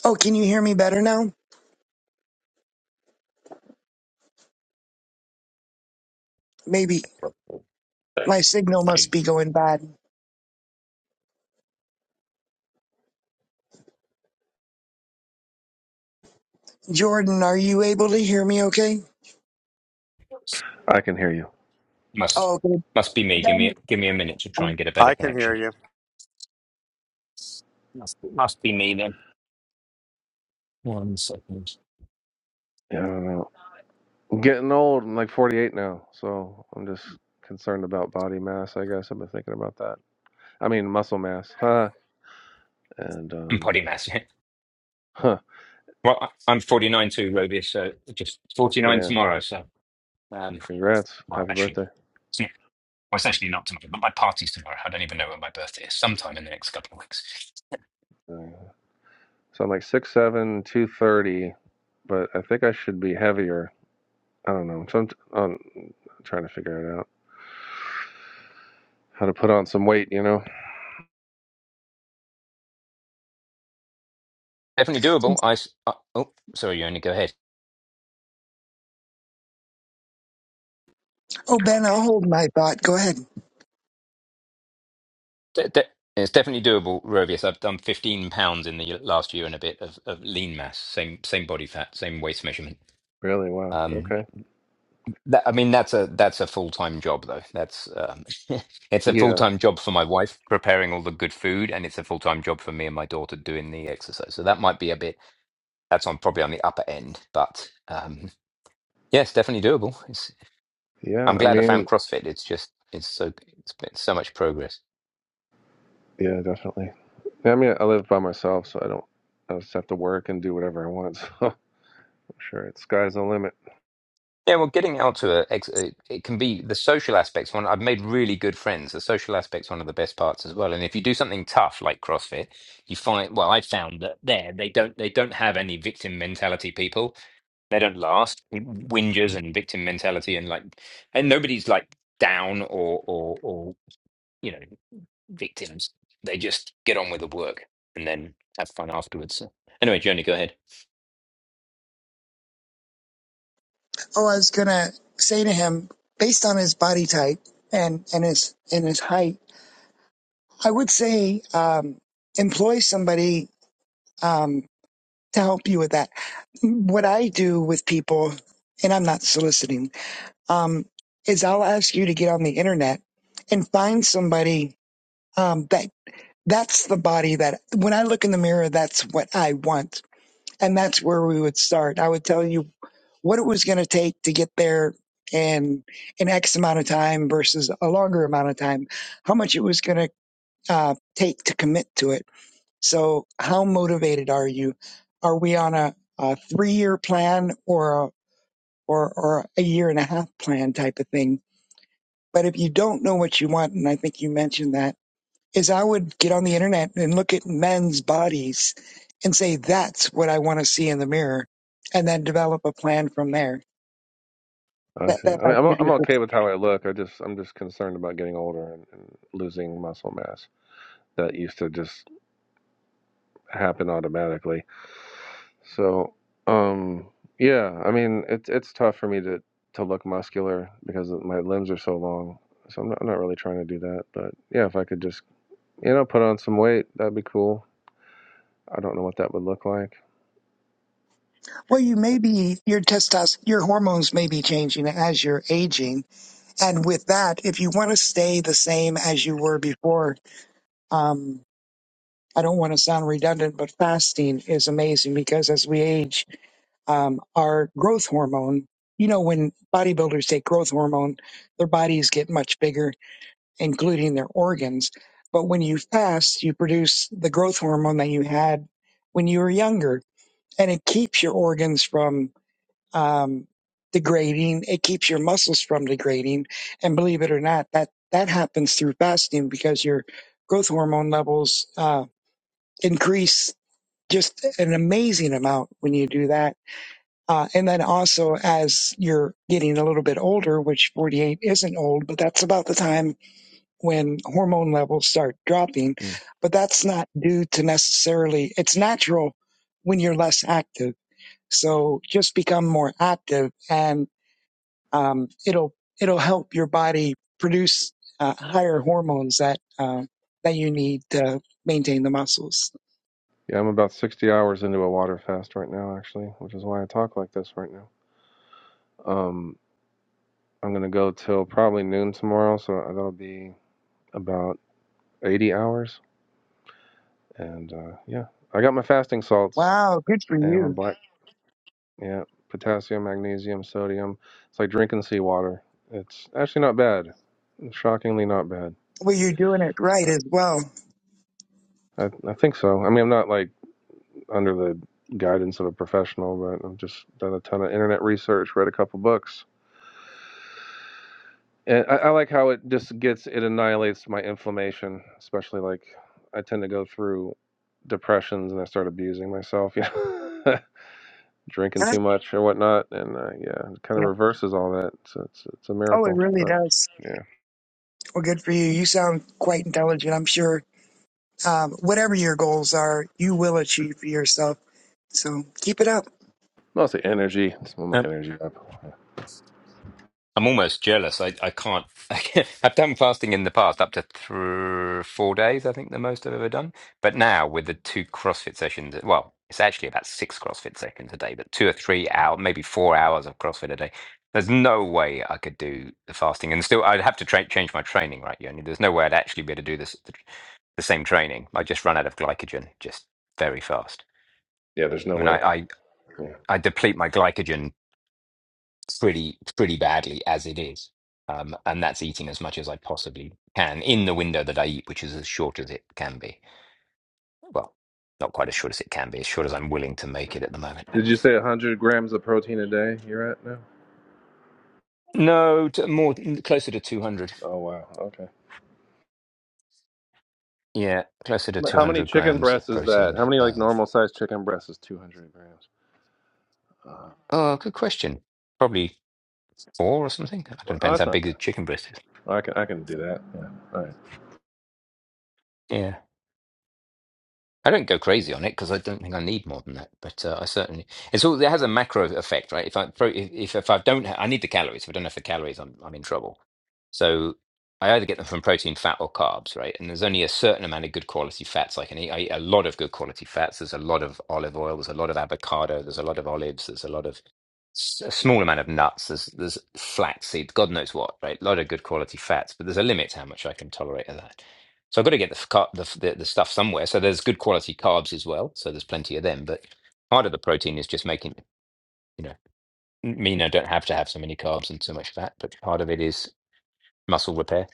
Speaker 4: Oh, can you hear me better now? Maybe
Speaker 1: Sorry.
Speaker 4: my signal must
Speaker 1: Sorry.
Speaker 4: be going bad. Jordan, are you able to hear me okay?
Speaker 3: I can hear you.
Speaker 1: Must
Speaker 4: Oh, okay.
Speaker 1: must be me. Give me
Speaker 4: Ben,
Speaker 1: give me a minute to try and
Speaker 4: oh,
Speaker 1: get a better
Speaker 2: I can hear
Speaker 1: connection.
Speaker 2: you.
Speaker 1: Must must be me then. One second.
Speaker 3: Yeah, I don't know. I'm getting old. I'm like 48 now, so I'm just concerned about body mass. I guess I've been thinking about that. I mean, muscle mass. Huh? And
Speaker 1: I'm
Speaker 3: um,
Speaker 1: potty mad.
Speaker 3: huh?
Speaker 1: Well, I- I'm 49 too, Roby, so just 49
Speaker 3: Yeah.
Speaker 1: tomorrow. So, um,
Speaker 3: Congrats.
Speaker 1: well,
Speaker 3: Happy
Speaker 1: actually,
Speaker 3: birthday.
Speaker 1: it's not, well, it's actually not tomorrow, but my party's tomorrow. I don't even know when my birthday is, sometime in the next couple of weeks.
Speaker 3: Uh, So I'm like six seven, two thirty, but I think I should be heavier. I don't know. So I'm, t- I'm trying to figure it out. How to put on some weight, you know?
Speaker 1: Definitely doable. I, s- uh, oh, sorry, you only go ahead.
Speaker 4: Ben, I'll hold my thought. Go ahead.
Speaker 1: De- de- it's definitely doable, Robius. I've done 15 pounds in the last year and a bit of, of lean mass, same same body fat, same waist measurement.
Speaker 3: Really? Wow.
Speaker 1: Um,
Speaker 3: Okay.
Speaker 1: That, I mean, that's a that's a full time job though. That's um, it's a full
Speaker 3: Yeah.
Speaker 1: time job for my wife preparing all the good food, and it's a full time job for me and my daughter doing the exercise. So that might be a bit. That's on probably on the upper end, but um, yes, definitely doable. It's,
Speaker 3: Yeah.
Speaker 1: I'm
Speaker 3: I
Speaker 1: glad I found
Speaker 3: mean,
Speaker 1: CrossFit. It's just it's so it's been so much progress.
Speaker 3: yeah, definitely. Yeah, I mean, I live by myself, so I don't. I just have to work and do whatever I want. Sure, it's sky's the limit.
Speaker 1: Yeah, well, getting out to a, ex- a- it can be the social aspects. One, I've made really good friends. The social aspect's one of the best parts as well. And if you do something tough like CrossFit, you find, well, I found that there they don't they don't have any victim mentality people. They don't last whingers and victim mentality and like, and nobody's like down or or or you know victims. They just get on with the work and then have fun afterwards. So, anyway, Joni, go ahead.
Speaker 4: Oh, I was going to say to him, based on his body type and, and his, and his height, I would say, um, employ somebody, um, to help you with that. What I do with people, and I'm not soliciting, um, is I'll ask you to get on the internet and find somebody um, that that's the body that when I look in the mirror, that's what I want. And that's where we would start. I would tell you what it was going to take to get there in an X amount of time versus a longer amount of time, how much it was going to uh, take to commit to it. So, how motivated are you? Are we on a, a three year plan or a, or, or a year and a half plan type of thing? But if you don't know what you want, and I think you mentioned that, is I would get on the internet and look at men's bodies and say, that's what I want to see in the mirror, and then develop a plan from there.
Speaker 3: I
Speaker 4: That,
Speaker 3: see.
Speaker 4: that
Speaker 3: I mean,
Speaker 4: might
Speaker 3: I'm
Speaker 4: give you
Speaker 3: I'm
Speaker 4: a good.
Speaker 3: okay with how I look. I just I'm just concerned about getting older and, and losing muscle mass that used to just happen automatically. So, um, yeah, I mean, it's it's tough for me to to look muscular because of- my limbs are so long. So I'm not, I'm not really trying to do that. But yeah, if I could just you know put on some weight, that'd be cool. I don't know what that would look like.
Speaker 4: Well, you may be, your testos, your hormones may be changing as you're aging. And with that, if you want to stay the same as you were before, um, I don't want to sound redundant, but fasting is amazing because as we age, um, are growth hormone. You know, when bodybuilders take growth hormone, their bodies get much bigger, including their organs. But when you fast, you produce the growth hormone that you had when you were younger, and it keeps your organs from um, degrading. It keeps your muscles from degrading. And believe it or not, that that happens through fasting because your growth hormone levels uh, increase just an amazing amount when you do that uh, and then also as you're getting a little bit older, which 48 isn't old, but that's about the time when hormone levels start dropping.
Speaker 3: Mm.
Speaker 4: But that's not due to necessarily, it's natural when you're less active. So just become more active and, um, it'll, it'll help your body produce uh, higher hormones that, um, that you need to maintain the muscles.
Speaker 3: Yeah, I'm about 60 hours into a water fast right now, actually, which is why I talk like this right now. Um, I'm gonna go till probably noon tomorrow, so that'll be about 80 hours. And uh, yeah, I got my fasting salts
Speaker 4: Wow. Good for
Speaker 3: and my
Speaker 4: you.
Speaker 3: black, yeah, potassium, magnesium, sodium. It's like drinking seawater. It's actually not bad. It's shockingly not bad.
Speaker 4: Well, you're doing it right as well.
Speaker 3: I, I think so. I mean, I'm not like under the guidance of a professional, but I've just done a ton of internet research, read a couple books, And I, I like how it just gets it annihilates my inflammation, especially like I tend to go through depressions and I start abusing myself, you know, drinking
Speaker 4: Huh?
Speaker 3: too much or whatnot, and uh, yeah, it kind
Speaker 4: Yeah.
Speaker 3: of reverses all that. So it's it's a
Speaker 4: Oh, it
Speaker 3: miracle,
Speaker 4: really
Speaker 3: but
Speaker 4: does.
Speaker 3: yeah,
Speaker 4: Well, good for you. You sound quite intelligent. I'm sure um, whatever your goals are, you will achieve for yourself. So keep it up.
Speaker 3: mostly energy. just It's my energy up.
Speaker 1: I'm almost jealous. I, I can't. I've done fasting in the past, up to th- four days, I think, the most I've ever done. But now with the two CrossFit sessions, well, it's actually about six CrossFit sessions a day, but two or three hour, maybe four hours of CrossFit a day. There's no way I could do the fasting, and still I'd have to tra- change my training, right, Yoni? There's no way I'd actually be able to do this the, the same training. I just run out of glycogen just very fast.
Speaker 3: Yeah, there's
Speaker 1: I
Speaker 3: no
Speaker 1: mean, I
Speaker 3: way.
Speaker 1: I,
Speaker 3: Yeah.
Speaker 1: I deplete my glycogen pretty pretty badly as it is. Um, and that's eating as much as I possibly can in the window that I eat, which is as short as it can be. Well, not quite as short as it can be, as short as I'm willing to make it at the moment. But
Speaker 3: Did you say 100 grams of protein a day you're at now?
Speaker 1: no, t- more closer to 200.
Speaker 3: Oh, wow. Okay.
Speaker 1: Yeah, closer to
Speaker 3: How many
Speaker 1: 200
Speaker 3: chicken
Speaker 1: grams of
Speaker 3: breasts is that?
Speaker 1: protein.
Speaker 3: How many, like,
Speaker 1: Um,
Speaker 3: normal sized chicken breasts is 200 grams? Uh,
Speaker 1: oh, good question. Probably four or something. It
Speaker 3: well, oh,
Speaker 1: depends
Speaker 3: that's
Speaker 1: how
Speaker 3: not
Speaker 1: big the chicken breast
Speaker 3: bad. I can, I can do that. Yeah. All right.
Speaker 1: is. I don't go crazy on it because I don't think I need more than that. But uh, I certainly it's all it has a macro effect, right? If I pro- if if I don't ha- I need the calories. If I don't have the calories, I'm I'm in trouble. So I either get them from protein, fat, or carbs, right? And there's only a certain amount of good quality fats I can eat. I eat a lot of good quality fats. There's a lot of olive oil. There's a lot of avocado. There's a lot of olives. There's a lot of s- a small amount of nuts. There's there's flax seeds. God knows what, right? A lot of good quality fats, but there's a limit to how much I can tolerate of that. So I've got to get the, f- car- the, f- the the stuff somewhere. So there's good quality carbs as well. So there's plenty of them. But part of the protein is just making you know m- mean I don't have to have so many carbs and so much fat. But part of it is muscle repair.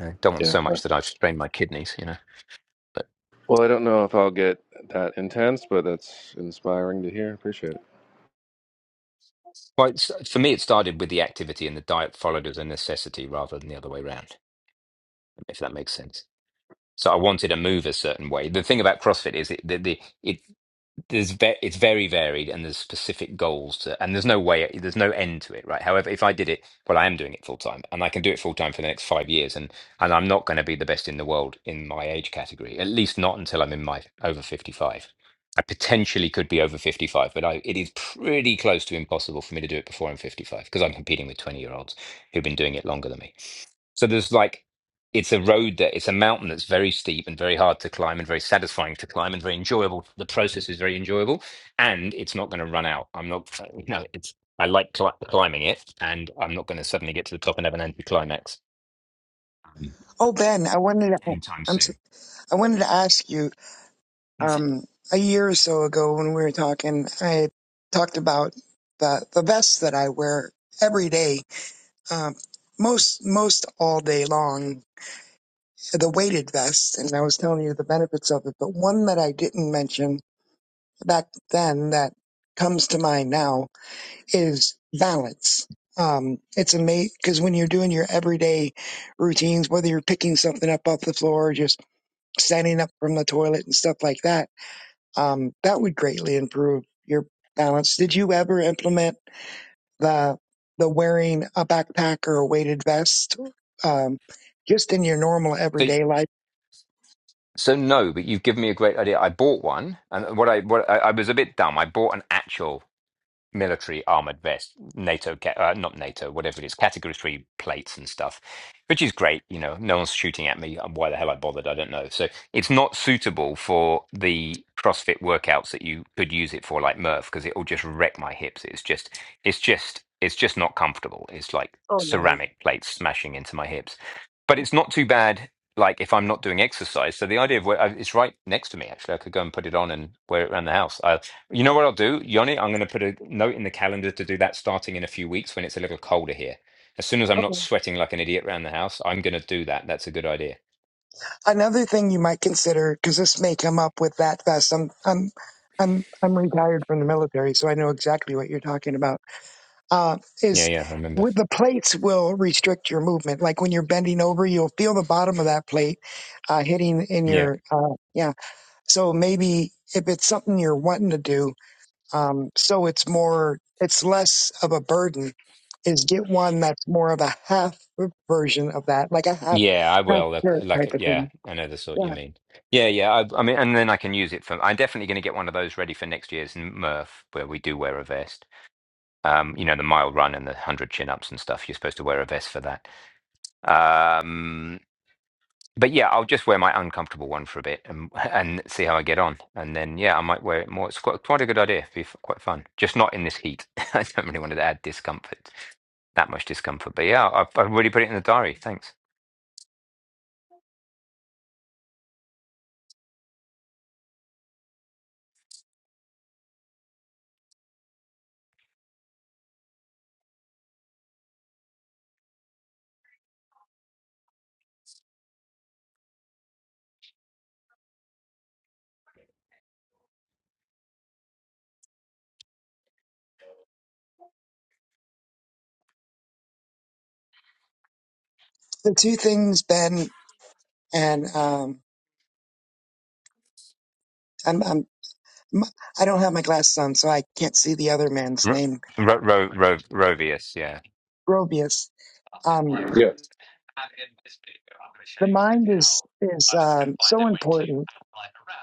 Speaker 1: I don't want
Speaker 3: Yeah.
Speaker 1: so much that I strain my kidneys. You know. But
Speaker 3: Well, I don't know if I'll get that intense, but that's inspiring to hear. Appreciate it.
Speaker 1: well, it's, for me, it started with the activity and the diet followed as a necessity rather than the other way around. If that makes sense. So I wanted to move a certain way. The thing about CrossFit is it the, the it. there's ve- it's very varied and there's specific goals to and there's no way there's no end to it right however if i did it well i am doing it full time and i can do it full time for the next five years and and i'm not going to be the best in the world in my age category at least not until i'm in my over 55 i potentially could be over 55 but i it is pretty close to impossible for me to do it before i'm 55 because i'm competing with 20 year olds who've been doing it longer than me so there's like, it's a road that it's a mountain that's very steep and very hard to climb and very satisfying to climb and very enjoyable. The process is very enjoyable, and it's not going to run out. I'm not, you know, it's I like cli- climbing it, and I'm not going to suddenly get to the top and have an anticlimax um,
Speaker 4: Oh, Ben, I wanted to,
Speaker 1: anytime
Speaker 4: I'm, s-
Speaker 1: soon.
Speaker 4: i am I wanted to ask you,
Speaker 1: That's it.
Speaker 4: um, a year or so ago when we were talking, I talked about the, the vest that I wear every day, um, most, most all day long, the weighted vest. And I was telling you the benefits of it, but one that I didn't mention back then that comes to mind now is balance. Um, it's amazing because when you're doing your everyday routines, whether you're picking something up off the floor or just standing up from the toilet and stuff like that, um, that would greatly improve your balance. Did you ever implement the the wearing a backpack or a weighted vest um, just in your normal
Speaker 1: So,
Speaker 4: everyday life?
Speaker 1: so no, but you've given me a great idea. I bought one, and what I what I, I was a bit dumb. I bought an actual. military armored vest, NATO, ca- uh, not NATO, whatever it is, category three plates and stuff, which is great. You know, no one's shooting at me. Why the hell I bothered? I don't know. So it's not suitable for the CrossFit workouts that you could use it for, like Murph, because it will just wreck my hips. It's just, it's just, it's just not comfortable. It's like
Speaker 4: Oh
Speaker 1: ceramic plates smashing into my hips. But it's not too bad. Like if I'm not doing exercise, so the idea of where uh, it's right next to me. Actually, I could go and put it on and wear it around the house. I you know what I'll do, Yoni? I'm going to put a note in the calendar to do that starting in a few weeks when it's a little colder here. As soon as I'm not
Speaker 4: no.
Speaker 1: sweating like an idiot around the house, I'm going to do that. That's a good idea.
Speaker 4: another thing you might consider because this may come up with that vest i'm i'm i'm i'm retired from the military so i know exactly what you're talking about uh,
Speaker 1: Yeah,
Speaker 4: is
Speaker 1: yeah, I remember.
Speaker 4: with the plates will restrict your movement like when you're bending over you'll feel the bottom of that plate uh, hitting in
Speaker 1: Yeah,
Speaker 4: your uh, yeah so maybe if it's something you're wanting to do um, so it's more it's less of a burden is get one that's more of a half version of that like a half
Speaker 1: yeah, I
Speaker 4: half
Speaker 1: will. Like,
Speaker 4: shirt type
Speaker 1: like,
Speaker 4: of
Speaker 1: yeah,
Speaker 4: thing
Speaker 1: I know the sort
Speaker 4: Yeah.
Speaker 1: you mean. Yeah, yeah. I, I mean, and then I can use it for. I'm definitely going to get one of those ready for next year's Murph, where we do wear a vest. Um, you know, the mile run and the hundred chin ups and stuff. You're supposed to wear a vest for that. Um, But yeah, I'll just wear my uncomfortable one for a bit and and see how I get on. And then yeah, I might wear it more. It's quite quite a good idea. It'd be f- quite fun. Just not in this heat. I don't really want to add discomfort, that much discomfort. But yeah, I've, I've already put it in the diary. Thanks.
Speaker 4: the two things, Ben, and um, I'm, I'm m- I don't have my glasses on, so I can't see the other man's
Speaker 1: Ro-
Speaker 4: name,
Speaker 1: Ro- Ro- Ro- Rovius, yeah.
Speaker 4: Grobius. Um,
Speaker 3: Yeah.
Speaker 4: the mind is is um, so important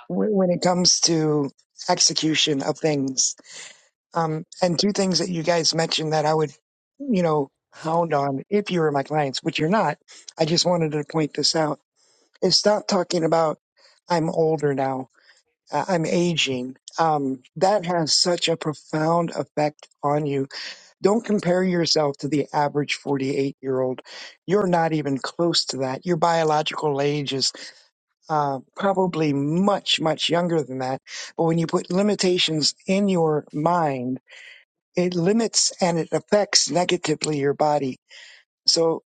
Speaker 4: w- when it comes to execution of things. Um, and two things that you guys mentioned that I would, you know, hound on if you were my clients, which you're not. I just wanted to point this out. Is stop talking about I'm older now I- I'm aging. Um, that has such a profound effect on you. Don't compare yourself to the average 48 year old. You're not even close to that. Your biological age is uh, probably much, much younger than that. But when you put limitations in your mind, it limits and it affects negatively your body. So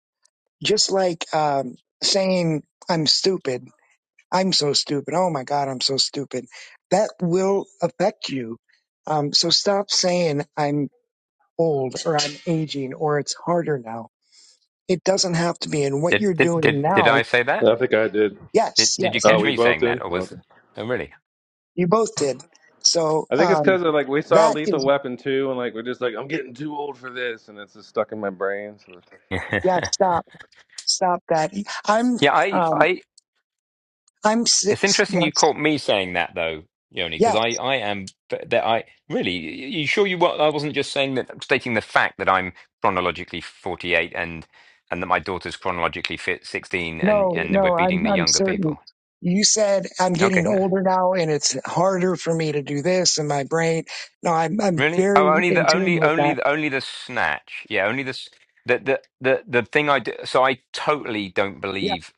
Speaker 4: just like um, saying, I'm stupid I'm so stupid. Oh my God, I'm so stupid. That will affect you. Um, so stop saying I'm old or I'm aging or it's harder now. It doesn't have to be. And what
Speaker 1: Did
Speaker 4: you're
Speaker 1: did
Speaker 4: doing
Speaker 1: did did
Speaker 4: now,
Speaker 1: I say that?
Speaker 3: I think I did.
Speaker 1: Did
Speaker 4: yes,
Speaker 1: did you
Speaker 4: yes,
Speaker 3: Oh,
Speaker 1: catch
Speaker 3: we
Speaker 1: me
Speaker 3: both
Speaker 1: saying that,
Speaker 3: did?
Speaker 1: or was?
Speaker 3: Okay.
Speaker 1: Oh, really?
Speaker 4: you both did. So
Speaker 3: I think it's
Speaker 4: um,
Speaker 3: because of, like, we saw
Speaker 4: that
Speaker 3: Lethal
Speaker 4: is,
Speaker 3: Weapon 2, and, like, we're just like, I'm getting too old for this, and it's just stuck in my brain. So.
Speaker 4: yeah, stop, stop that. I'm,
Speaker 1: yeah, I
Speaker 4: um,
Speaker 1: I
Speaker 4: I'm
Speaker 1: It's
Speaker 4: six
Speaker 1: interesting you
Speaker 4: months.
Speaker 1: caught me saying that though, Yoni,
Speaker 4: Yes.
Speaker 1: because I, I am that I really. You sure you? wa- I wasn't just saying that, stating the fact that I'm chronologically 48 and and that my daughter's chronologically fit 16, and
Speaker 4: No,
Speaker 1: and we're
Speaker 4: no, I'm
Speaker 1: beating the
Speaker 4: I'm
Speaker 1: younger
Speaker 4: certain.
Speaker 1: people.
Speaker 4: You said I'm
Speaker 1: Okay,
Speaker 4: getting
Speaker 1: no.
Speaker 4: older now and it's harder for me to do this in my brain. No, I'm I'm
Speaker 1: Really?
Speaker 4: very
Speaker 1: Oh, only
Speaker 4: in
Speaker 1: the
Speaker 4: tune
Speaker 1: only
Speaker 4: with
Speaker 1: only
Speaker 4: that.
Speaker 1: the only the snatch. Yeah, only the s- the the the, the thing I do. So I totally don't
Speaker 4: Yeah,
Speaker 1: believe.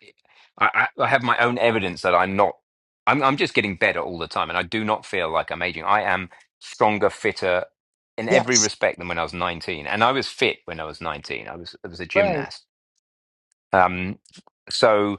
Speaker 1: I, I I have my own evidence that I'm not. I'm I'm just getting better all the time, and I do not feel like I'm aging. I am stronger, fitter in every
Speaker 4: yes,
Speaker 1: respect than when I was 19, and I was fit when I was 19. I was I was a
Speaker 4: right.
Speaker 1: gymnast. Um, so.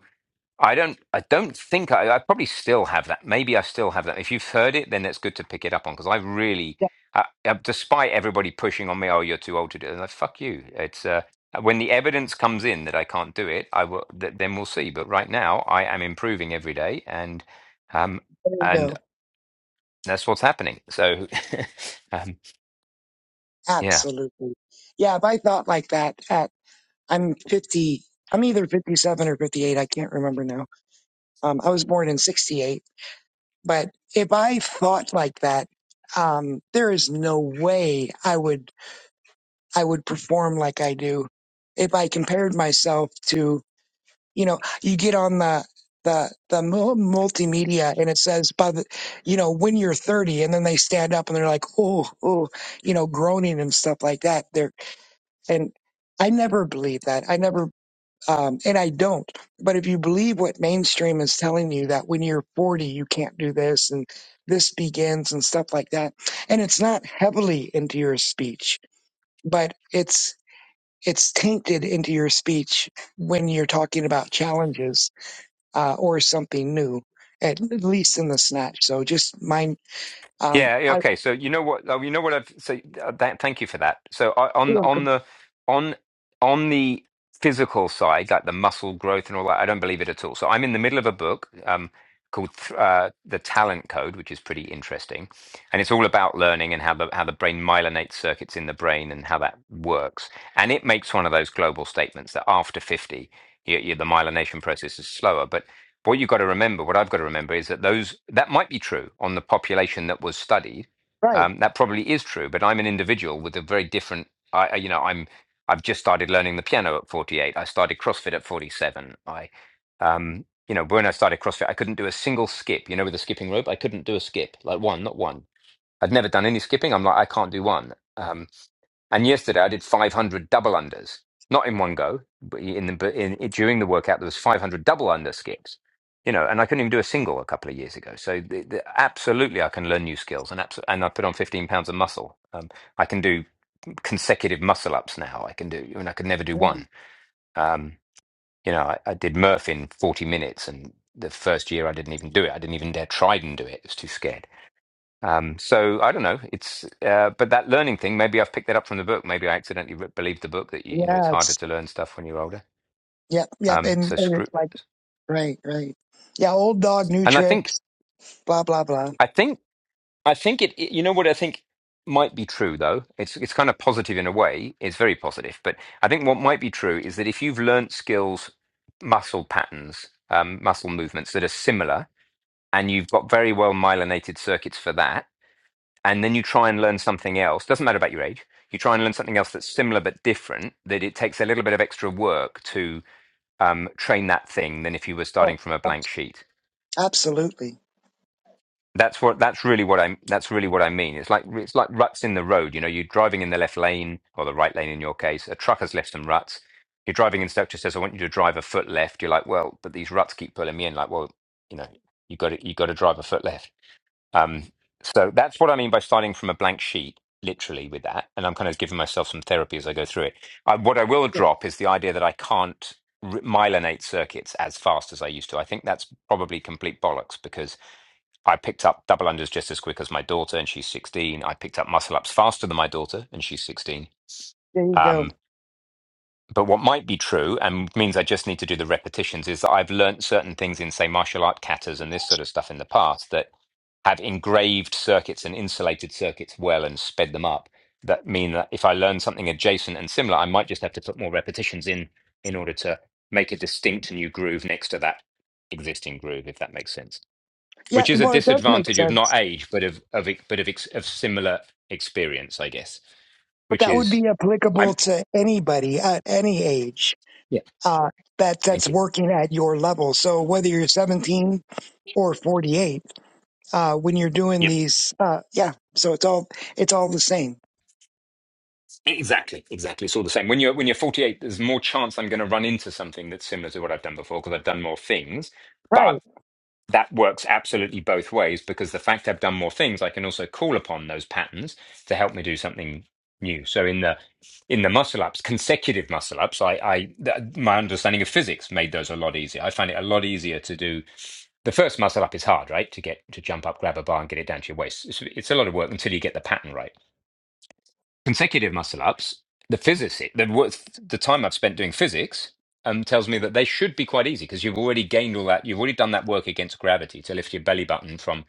Speaker 1: I don't. I don't think I. I probably still have that. Maybe I still have that. If you've heard it, then it's good to pick it up on because I really,
Speaker 4: Yeah,
Speaker 1: uh, uh, despite everybody pushing on me, oh, you're too old to do it. And like, fuck you. It's uh, when the evidence comes in that I can't do it, I will. Th- then we'll see. But right now, I am improving every day, and um,
Speaker 4: there you
Speaker 1: and
Speaker 4: go.
Speaker 1: that's what's happening. So, um, yeah.
Speaker 4: Absolutely. Yeah, if I thought like that at I'm fifty I'm either fifty seven or fifty eight, I can't remember now. Um I was born in sixty eight. But if I thought like that, um, there is no way I would I would perform like I do if I compared myself to, you know, you get on the, the, the mul- multimedia and it says by the, you know, when you're 30 and then they stand up and they're like, oh, oh, you know, groaning and stuff like that. They're, and I never believe that. I never, um, and I don't, but if you believe what mainstream is telling you that when you're 40, you can't do this and this begins and stuff like that. And it's not heavily into your speech, but it's, it's tainted into your speech when you're talking about challenges uh, or something new, at least in the snatch. So just mind, um,
Speaker 1: Yeah. yeah,
Speaker 4: I
Speaker 1: Okay. So you know what? oh, You know what I've so uh, that, thank you for that. So I-
Speaker 4: feel
Speaker 1: on
Speaker 4: like,
Speaker 1: on the on on the physical side, like the muscle growth and all that, I don't believe it at all. So I'm in the middle of a book um, called th- uh, The Talent Code, which is pretty interesting, and it's all about learning and how the how the brain myelinates circuits in the brain and how that works. And it makes one of those global statements that after fifty, you, you, the myelination process is slower. But what you've got to remember, what I've got to remember, is that those that might be true on the population that was studied.
Speaker 4: right.
Speaker 1: Um, that probably is true, but I'm an individual with a very different. I, I- you know, I'm I've just started learning the piano at 48. I started CrossFit at 47. I, um, you know, when I started CrossFit, I couldn't do a single skip. You know, with a skipping rope, I couldn't do a skip, like one, not one. I'd never done any skipping. I'm like, I can't do one. Um, and yesterday I did 500 double unders, not in one go, but in the but in, during the workout there was 500 double under skips. You know, and I couldn't even do a single a couple of years ago. So the, the, absolutely, I can learn new skills, and abso- and I put on 15 pounds of muscle. Um, I can do consecutive muscle ups now. I can do, I mean, I could never do
Speaker 4: mm,
Speaker 1: one. Um, you know, I, I did Murph in 40 minutes, and the first year I didn't even do it. I didn't even dare try and do it. I was too scared um, so I don't know. It's uh, but that learning thing. Maybe I've picked that up from the book. Maybe I accidentally re- believed the book that you, you know it's harder
Speaker 4: Yes.
Speaker 1: to learn stuff when you're older.
Speaker 4: Yep. Yep.
Speaker 1: Um,
Speaker 4: And,
Speaker 1: so
Speaker 4: and it's
Speaker 1: screw.
Speaker 4: like, right, right. Yeah. Old dog, new
Speaker 1: And I think
Speaker 4: tricks, blah, blah, blah.
Speaker 1: I think I think it, it- You know what I think might be true though. It's it's kind of positive in a way. It's very positive. But I think what might be true is that if you've learnt skills, muscle patterns, um, muscle movements that are similar, and you've got very well myelinated circuits for that and then you try and learn something else doesn't matter about your age you try and learn something else that's similar but different that it takes a little bit of extra work to um, train that thing than if you were
Speaker 4: Oh,
Speaker 1: starting from a
Speaker 4: abs-
Speaker 1: blank sheet
Speaker 4: absolutely.
Speaker 1: that's what that's really what i'm that's really what i mean it's like it's like ruts in the road you know you're driving in the left lane or the right lane in your case a truck has left some ruts your driving instructor says i want you to drive a foot left you're like well but these ruts keep pulling me in like well you know you got to you got to drive a foot left Um, so that's what I mean by starting from a blank sheet, literally, with that. And I'm kind of giving myself some therapy as I go through it. I, what I will drop is the idea that I can't r- myelinate circuits as fast as I used to. I think that's probably complete bollocks because I picked up double unders just as quick as my daughter, and she's 16. I picked up muscle ups faster than my daughter, and she's 16.
Speaker 4: There you go.
Speaker 1: Um, but what might be true and means I just need to do the repetitions is that I've learnt certain things in, say, martial art katas and this sort of stuff in the past that have engraved circuits and insulated circuits well and sped them up that mean that if I learn something adjacent and similar, I might just have to put more repetitions in in order to make a distinct new groove next to that existing groove, if that makes sense.
Speaker 4: Yeah.
Speaker 1: Which is a
Speaker 4: Well, it does make
Speaker 1: disadvantage of not
Speaker 4: sense,
Speaker 1: age, but of of ex- but of ex, of similar experience, I guess.
Speaker 4: but
Speaker 1: Which
Speaker 4: that would
Speaker 1: is
Speaker 4: be
Speaker 1: I'm
Speaker 4: applicable to anybody at any age.
Speaker 1: yeah.
Speaker 4: Uh, that that's
Speaker 1: Thank you.
Speaker 4: working at your level. So whether you're 17 or 48 uh, when you're doing
Speaker 1: Yep.
Speaker 4: these. Uh, yeah, so it's all it's all the same.
Speaker 1: Exactly. Exactly. It's all the same. When you're when you're 48, there's more chance I'm going to run into something that's similar to what I've done before because I've done more things.
Speaker 4: Right.
Speaker 1: but. that works absolutely both ways because the fact I've done more things, I can also call upon those patterns to help me do something new. So in the in the muscle ups, consecutive muscle ups, I, I th- my understanding of physics made those a lot easier. I find it a lot easier to do. The first muscle up is hard, right? To get to jump up, grab a bar, and get it down to your waist. It's, it's a lot of work until you get the pattern right consecutive muscle ups, the physics, the, wo- the time I've spent doing physics um, tells me that they should be quite easy because you've already gained all that, you've already done that work against gravity to lift your belly button from,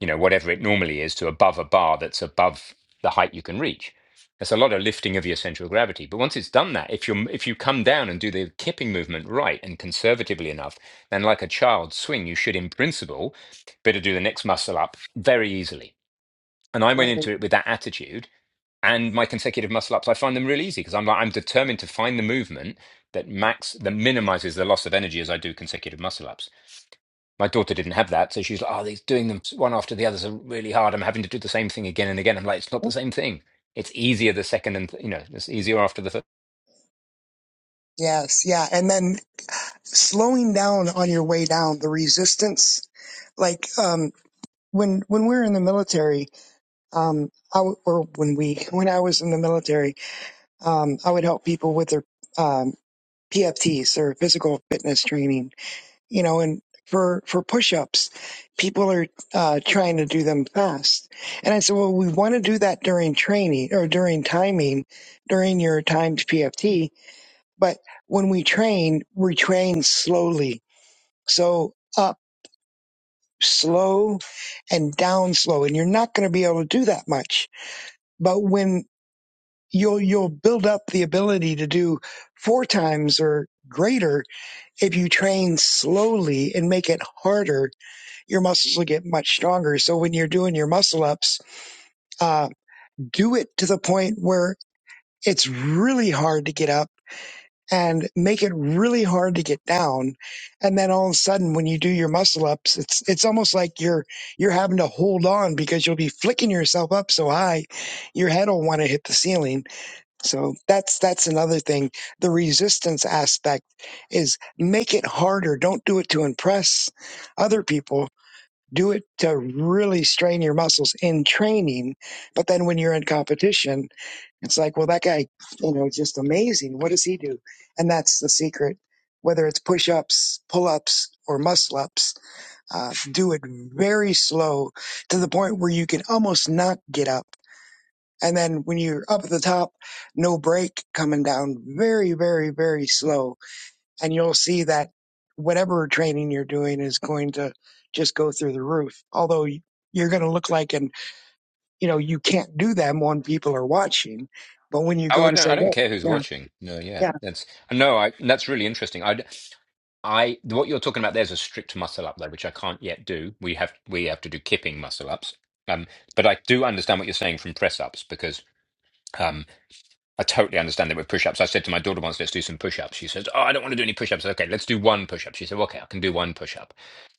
Speaker 1: you know, whatever it normally is to above a bar that's above the height you can reach. That's a lot of lifting of your central gravity. But once it's done that, if you if you come down and do the kipping movement right and conservatively enough, then like a child swing, you should in principle better do the next muscle up very easily. And I went
Speaker 4: Right.
Speaker 1: into it with that attitude and my consecutive muscle ups, I find them really easy because I'm like I'm determined to find the movement that max that minimizes the loss of energy as I do consecutive muscle ups. My daughter didn't have that, so she's like, "Oh, these doing them one after the others are really hard. I'm having to do the same thing again and again." I'm like, "It's not the same thing. It's easier the second and th- you know, it's easier after the third."
Speaker 4: Yes. Yeah. And then slowing down on your way down, the resistance, like, um, when, when we were in the military, um, I, w- or when we, when I was in the military, um, I would help people with their, um, PFTs or physical fitness training, you know, and for, for push-ups, people are uh, trying to do them fast. And I said, well, we want to do that during training or during timing, during your timed PFT. But when we train, we train slowly. So up slow and down slow. And you're not going to be able to do that much. But when you'll, you'll build up the ability to do four times or greater If you train slowly and make it harder, your muscles will get much stronger. So when you're doing your muscle ups, uh, do it to the point where it's really hard to get up and make it really hard to get down. And then all of a sudden, when you do your muscle ups, it's, it's almost like you're, you're having to hold on because you'll be flicking yourself up so high, your head will want to hit the ceiling so that's that's another thing. The resistance aspect is make it harder. Don't do it to impress other people. Do it to really strain your muscles in training. But then when you're in competition, it's like, well, that guy, you know, is just amazing. What does he do? And that's the secret. Whether it's push ups, pull ups, or muscle ups, uh, do it very slow to the point where you can almost not get up and then when you're up at the top, no brake coming down very, very, very slow. And you'll see that whatever training you're doing is going to just go through the roof. Although you're going to look like and you know, you can't do them when people are watching. But when you
Speaker 1: Oh,
Speaker 4: go
Speaker 1: I
Speaker 4: to
Speaker 1: don't,
Speaker 4: say,
Speaker 1: I don't
Speaker 4: well,
Speaker 1: care who's
Speaker 4: yeah,
Speaker 1: watching. No, yeah,
Speaker 4: yeah,
Speaker 1: that's no, I that's really interesting. I I what you're talking about there's a strict muscle up though, which I can't yet do. We have we have to do kipping muscle ups. Um, but I do understand what you're saying from press ups because um, I totally understand that with push-ups. I said to my daughter once, let's do some push-ups. She says, Oh, I don't want to do any push-ups. I said, okay, let's do one push-up. She said, "Well, okay, I can do one push-up.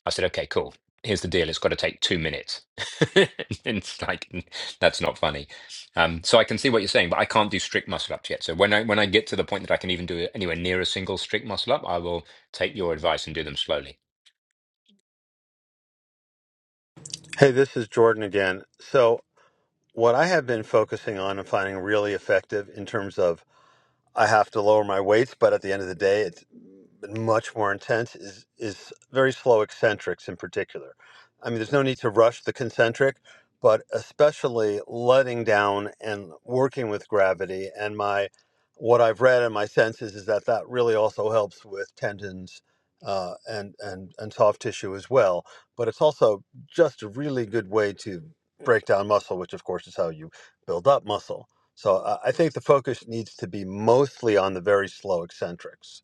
Speaker 1: I said, okay, cool. Here's the deal. It's got to take two minutes. and it's like that's not funny. Um, so I can see what you're saying, but I can't do strict muscle ups yet. So when I when I get to the point that I can even do anywhere near a single strict muscle up, I will take your advice and do them slowly.
Speaker 2: Hey, this is Jordan again. So, what I have been focusing on and finding really effective in terms of I have to lower my weights, but at the end of the day, it's been much more intense. Is is very slow eccentrics in particular. I mean, there's no need to rush the concentric, but especially letting down and working with gravity. And my what I've read and my senses is that that really also helps with tendons uh, and and and soft tissue as well. But it's also just a really good way to break down muscle, which of course is how you build up muscle. So uh, I think the focus needs to be mostly on the very slow eccentrics.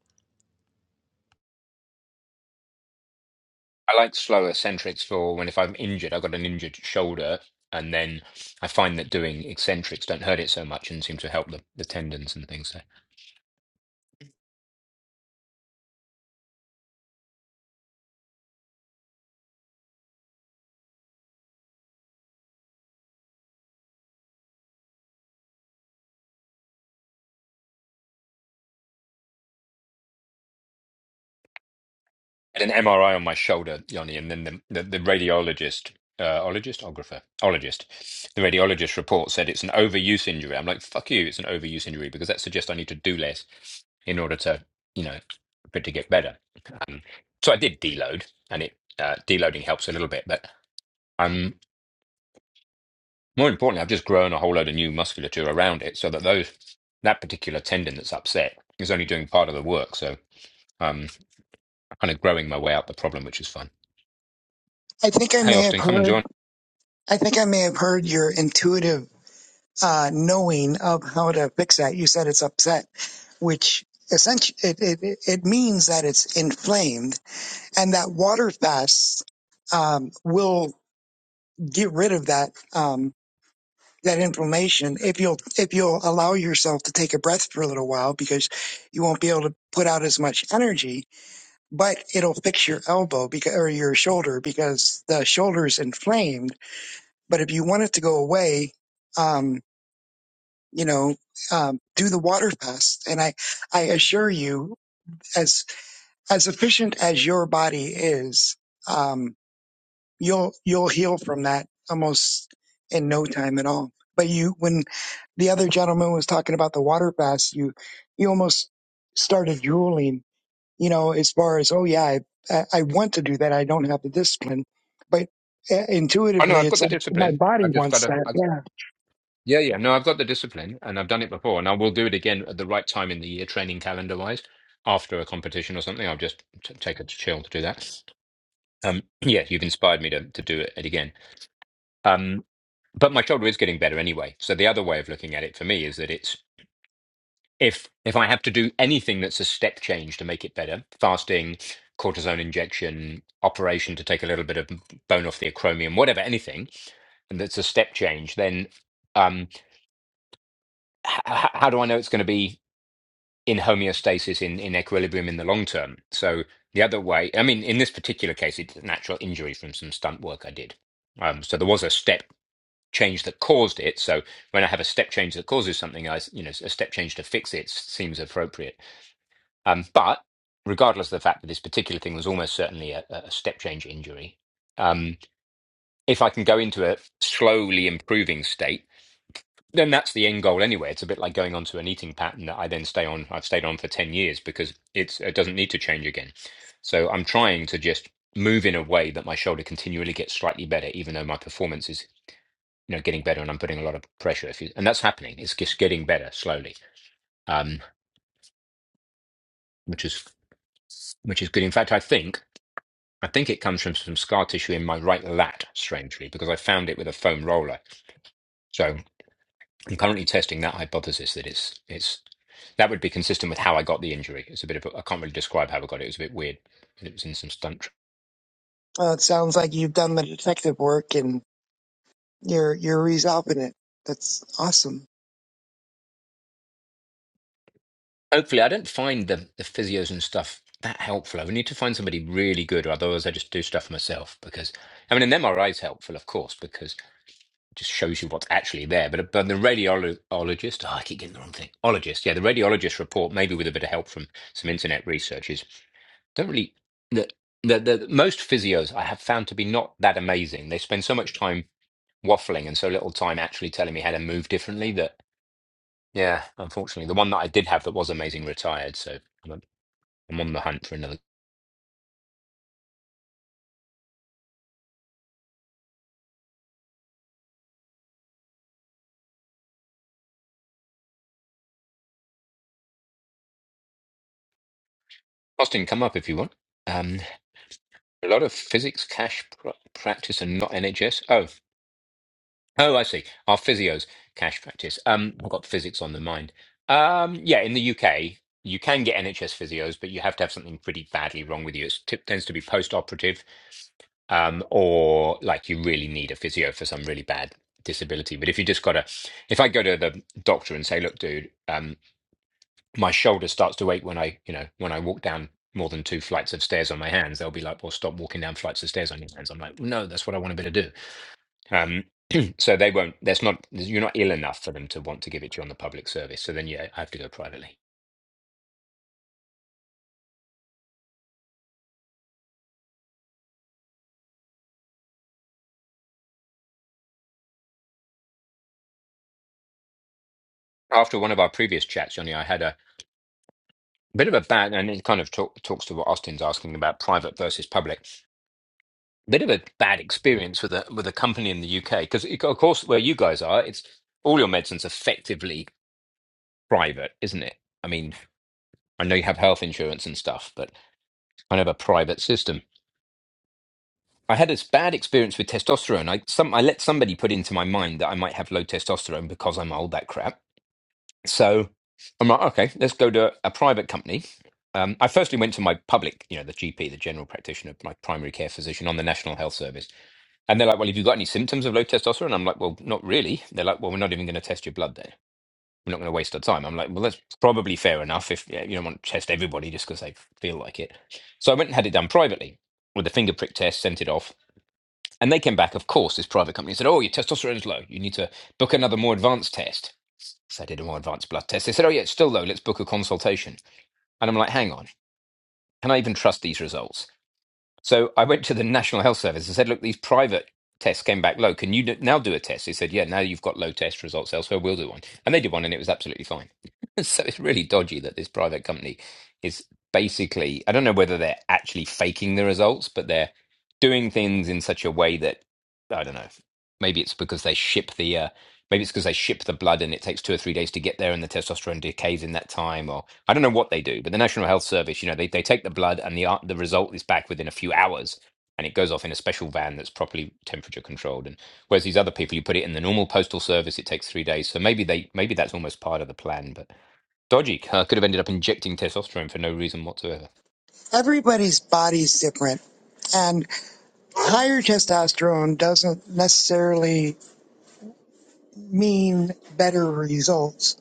Speaker 1: I like slower eccentrics for when if I'm injured, I've got an injured shoulder, and then I find that doing eccentrics don't hurt it so much and seem to help the, the tendons and things. So I had an MRI on my shoulder, Yanni, and then the, the, the radiologist, uh, ologist, ographer, ologist, the radiologist report said it's an overuse injury. I'm like, fuck you, it's an overuse injury because that suggests I need to do less in order to, you know, for it to get better. Um, so I did deload, and it uh, deloading helps a little bit, but. I'm. More importantly, I've just grown a whole load of new musculature around it so that those that particular tendon that's upset is only doing part of the work. So um, I'm kind of growing my way out the problem, which is fun.
Speaker 4: I think I
Speaker 1: Hey,
Speaker 4: may have
Speaker 1: Austin, come and
Speaker 4: heard,
Speaker 1: join.
Speaker 4: I think I may have heard your intuitive uh, knowing of how to fix that. You said it's upset, which essentially it, it it means that it's inflamed and that water fast um, will get rid of that um, that inflammation if you'll if you'll allow yourself to take a breath for a little while because you won't be able to put out as much energy, but it'll fix your elbow because or your shoulder because the shoulder is inflamed. But if you want it to go away, um, you know, um, do the water fast, and I I assure you, as as efficient as your body is. Um, you'll you'll heal from that almost in no time at all. But you, when the other gentleman was talking about the water fast, you you almost started drooling. You know, as far as oh yeah, I I I want to do that. I don't have the discipline, but uh,
Speaker 1: I know
Speaker 4: intuitively,
Speaker 1: I've
Speaker 4: it's
Speaker 1: got the
Speaker 4: like my
Speaker 1: discipline.
Speaker 4: body
Speaker 1: I've just got
Speaker 4: wants
Speaker 1: to.
Speaker 4: that.
Speaker 1: I,
Speaker 4: Yeah.
Speaker 1: yeah, yeah. No, I've got the discipline, and I've done it before, and I will do it again at the right time in the year, training calendar wise, after a competition or something. I'll just t- take a chill to do that. Um, yeah, you've inspired me to to do it again. Um, but my shoulder is getting better anyway. So the other way of looking at it for me is that it's if if I have to do anything that's a step change to make it better, fasting, cortisone injection, operation to take a little bit of bone off the acromion, whatever, anything, and that's a step change, then um, h- h- how do I know it's going to be in homeostasis, in, in equilibrium in the long term? So the other way, I mean, in this particular case, it's an actual injury from some stunt work I did. Um, so there was a step change that caused it. So when I have a step change that causes something, I, s- you know, a step change to fix it seems appropriate. Um, but regardless of the fact that this particular thing was almost certainly a, a step change injury, um, if I can go into a slowly improving state, then that's the end goal anyway. It's a bit like going onto an eating pattern that I then stay on. I've stayed on for ten years because it's it doesn't need to change again. So I'm trying to just move in a way that my shoulder continually gets slightly better, even though my performance is you know getting better and I'm putting a lot of pressure. If you, and that's happening. It's just getting better slowly, um, which is which is good. In fact, I think. I think it comes from some scar tissue in my right lat, strangely, because I found it with a foam roller. So I'm currently testing that hypothesis that it's it's that would be consistent with how I got the injury. It's a bit of a, I can't really describe how I got it. It was a bit weird. It was in some stunt. tr-
Speaker 4: Well, it sounds like you've done the detective work and you're you're resolving it. That's awesome.
Speaker 1: Hopefully, I don't find the the physios and stuff that helpful. I would need to find somebody really good, or otherwise I just do stuff myself. Because I mean, an MRI is helpful, of course, because. just shows you what's actually there. But, but the radiologist, oh, I keep getting the wrong thing. Ologist, yeah, the radiologist report, maybe with a bit of help from some internet researchers, don't really. The, the, the most physios I have found to be not that amazing. They spend so much time waffling and so little time actually telling me how to move differently that, yeah, unfortunately, the one that I did have that was amazing retired. So I'm I'm on the hunt for another. Austin, come up if you want. Um, a lot of physics cash pr- practice and not NHS. Oh, Oh, I see. Our physios cash practice. Um, I've got physics on the mind. Um, yeah, in the UK, you can get NHS physios, but you have to have something pretty badly wrong with you. It tends to be post-operative, um, or like you really need a physio for some really bad disability. But if you just got a, if I go to the doctor and say, "Look, dude, um, my shoulder starts to ache when I, you know, when I walk down more than two flights of stairs on my hands," they'll be like, "Well, stop walking down flights of stairs on your hands." I'm like, "No, that's what I want to be able to do." Um, so they won't. That's not. You're not ill enough for them to want to give it to you on the public service. So then, yeah, I have to go privately. After one of our previous chats, Johnny, I had a bit of a bad, and it kind of talk, talks to what Austin's asking about private versus public. Bit of a bad experience with a with a company in the UK because, of course, where you guys are, it's all your medicine's effectively private, isn't it? I mean, I know you have health insurance and stuff, but kind of a private system I had a bad experience with testosterone. I some I let somebody put into my mind that I might have low testosterone because I'm old. That crap. So I'm like, okay, let's go to a private company. Um, I firstly went to my public, you know, the GP, the general practitioner, my primary care physician on the National Health Service, and they're like, "Well, have you got any symptoms of low testosterone?" I'm like, "Well, not really." They're like, "Well, we're not even going to test your blood then. We're not going to waste our time." I'm like, "Well, that's probably fair enough if yeah, you don't want to test everybody just because they feel like it." So I went and had it done privately with a finger prick test, sent it off, and they came back, of course, this private company said, Oh, your testosterone's low. You need to book another more advanced test. So I did a more advanced blood test. They said, Oh, yeah, it's still low. Let's book a consultation. And I'm like, Hang on. Can I even trust these results? So I went to the National Health Service and said, look, these private tests came back low. Can you do- now do a test? They said, yeah, now you've got low test results elsewhere. We'll do one. And they did one and it was absolutely fine. so it's really dodgy that this private company is basically, I don't know whether they're actually faking the results, but they're doing things in such a way that, I don't know, maybe it's because they ship the. uh, Maybe it's because they ship the blood and it takes two or three days to get there and the testosterone decays in that time, or I don't know what they do. But the National Health Service, you know, they, they take the blood and the ar- the result is back within a few hours and it goes off in a special van that's properly temperature controlled. And whereas these other people, you put it in the normal postal service, it takes three days. So maybe they maybe that's almost part of the plan, but dodgy. Uh, could have ended up injecting testosterone for no reason whatsoever.
Speaker 4: Everybody's body's different, and higher testosterone doesn't necessarily mean better results.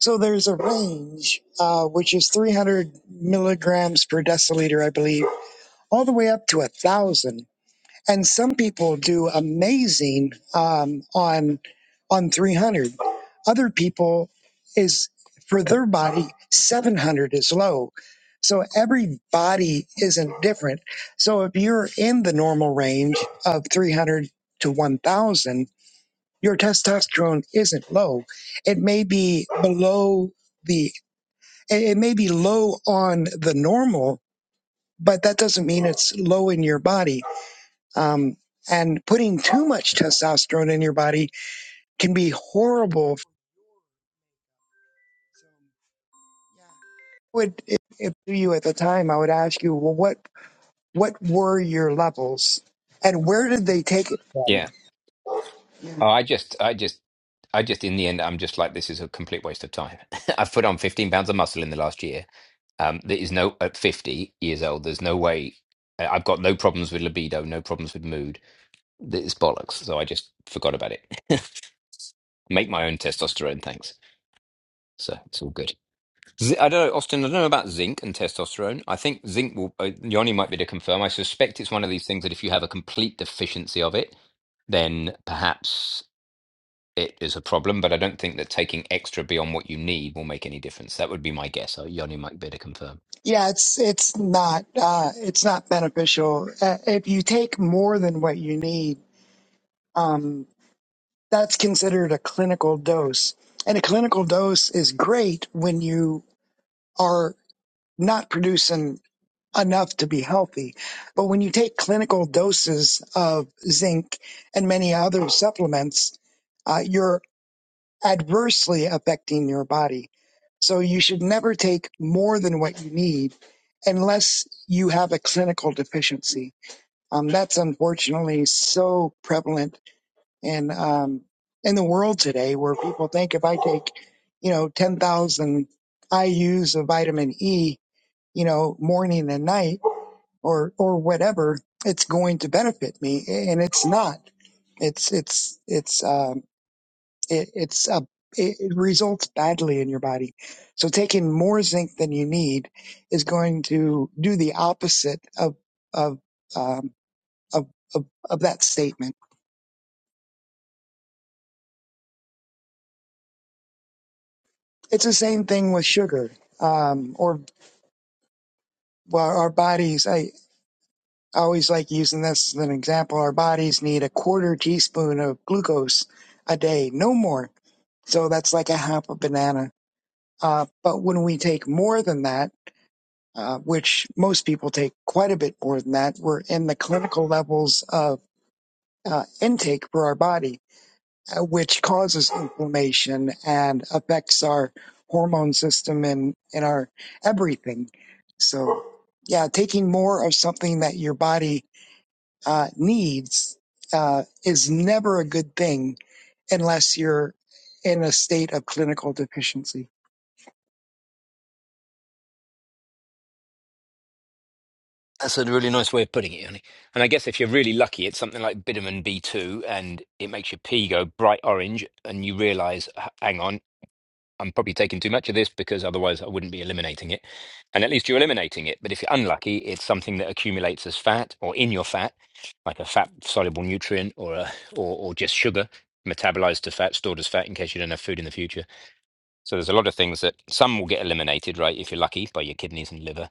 Speaker 4: So there's a range, uh, which is 300 milligrams per deciliter, I believe, all the way up to a thousand. And some people do amazing um, on on 300. Other people is for their body 700 is low. So every body isn't different. So if you're in the normal range of 300 to 1,000 your testosterone isn't low. It may be below the, it may be low on the normal, but that doesn't mean it's low in your body. Um, and putting too much testosterone in your body can be horrible. Would if, if you at the time, I would ask you, well, what what were your levels, and where did they take it from?
Speaker 1: Yeah. Oh, I just I just I just in the end I'm just like this is a complete waste of time. I've put on 15 pounds of muscle in the last year Um, there is no at fifty years old. There's no way. I- I've got no problems with libido, no problems with mood. It's bollocks. So I just forgot about it. Make my own testosterone, thanks. So it's all good. Z- I don't know, Austin. I don't know about zinc and testosterone. I think zinc will. Uh, Yoni might be able to confirm. I suspect it's one of these things that if you have a complete deficiency of it, then perhaps it is a problem. But I don't think that taking extra beyond what you need will make any difference. That would be my guess. Uh, Yoni might be able to confirm.
Speaker 4: Yeah, it's it's not uh, it's not beneficial. Uh, if you take more than what you need. um, that's considered a clinical dose. And a clinical dose is great when you are not producing enough to be healthy. But when you take clinical doses of zinc and many other supplements, uh, you're adversely affecting your body. So you should never take more than what you need unless you have a clinical deficiency. Um, that's unfortunately so prevalent in um, in the world today, where people think if I take, you know, ten thousand IU's of vitamin E, you know, morning and night, or or whatever, it's going to benefit me, and it's not. It's it's it's um, it, it's a it it results badly in your body. So taking more zinc than you need is going to do the opposite of of um, of, of of that statement. It's the same thing with sugar um, or well, our bodies, I I always like using this as an example. Our bodies need a quarter teaspoon of glucose a day, no more. So that's like a half a banana. Uh, but when we take more than that, uh, which most people take quite a bit more than that, we're in the clinical levels of uh, intake for our body, uh, which causes inflammation and affects our hormone system and, and our everything. So, yeah, taking more of something that your body uh, needs uh, is never a good thing unless you're in a state of clinical deficiency.
Speaker 1: That's a really nice way of putting it, Yanni. And I guess if you're really lucky, it's something like Biderman B2, and it makes your pee go bright orange, and you realize, "H- hang on, I'm probably taking too much of this because otherwise I wouldn't be eliminating it. And at least you're eliminating it. But if you're unlucky, it's something that accumulates as fat or in your fat, like a fat soluble nutrient or, a, or, or just sugar metabolized to fat, stored as fat in case you don't have food in the future. So there's a lot of things that some will get eliminated, right, if you're lucky by your kidneys and liver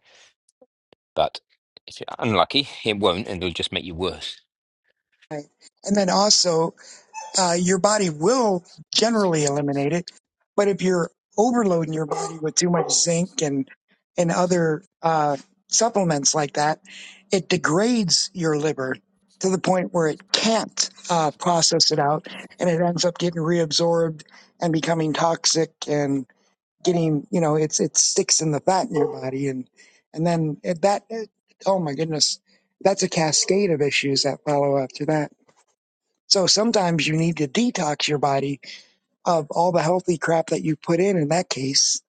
Speaker 1: but if you're unlucky, it won't, and it'll just make you worse.
Speaker 4: Right. And then also, uh, your body will generally eliminate it, but if you're overloading your body with too much zinc and and other uh, supplements like that, it degrades your liver to the point where it can't uh, process it out, and it ends up getting reabsorbed and becoming toxic and getting you know it's it sticks in the fat in your body and and then it, that it- oh my goodness that's a cascade of issues that follow after that so sometimes you need to detox your body of all the healthy crap that you put in in that case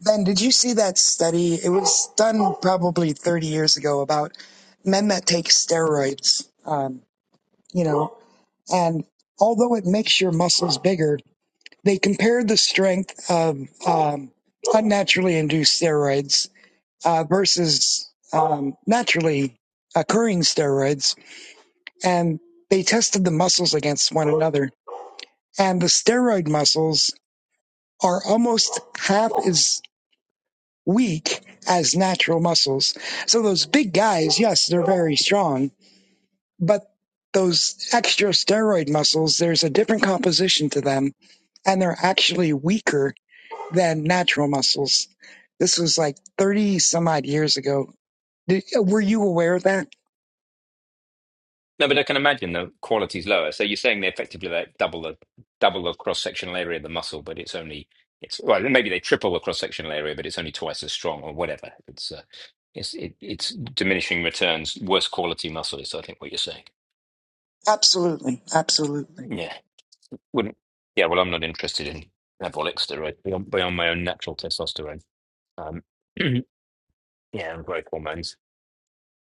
Speaker 4: then did you see that study it was done probably 30 years ago about men that take steroids um, you know and although it makes your muscles bigger they compared the strength of um, unnaturally induced steroids uh, versus um, naturally occurring steroids, and they tested the muscles against one another. And the steroid muscles are almost half as weak as natural muscles. So those big guys, yes, they're very strong, but those extra steroid muscles, there's a different composition to them, and they're actually weaker than natural muscles. This was like 30 some odd years ago. Did, were you aware of that?
Speaker 1: No, but I can imagine the quality's lower. So you're saying they effectively like double the double the cross sectional area of the muscle, but it's only it's well maybe they triple the cross sectional area, but it's only twice as strong or whatever. It's uh, it's it, it's diminishing returns, worse quality muscle is I think what you're saying.
Speaker 4: Absolutely. Absolutely.
Speaker 1: Yeah, wouldn't yeah. Well, I'm not interested in anabolic steroids beyond, beyond my own natural testosterone. Um, yeah, and growth hormones.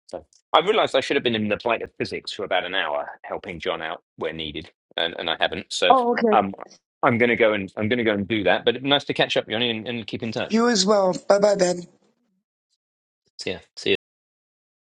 Speaker 1: So I realised I should have been in the flight of physics for about an hour, helping John out where needed, and, and I haven't. So um, I'm going to go and I'm going to go and do that. But nice to catch up, Yoni, and, and keep in touch.
Speaker 4: You as well. Bye bye, Ben.
Speaker 1: So, yeah, see you.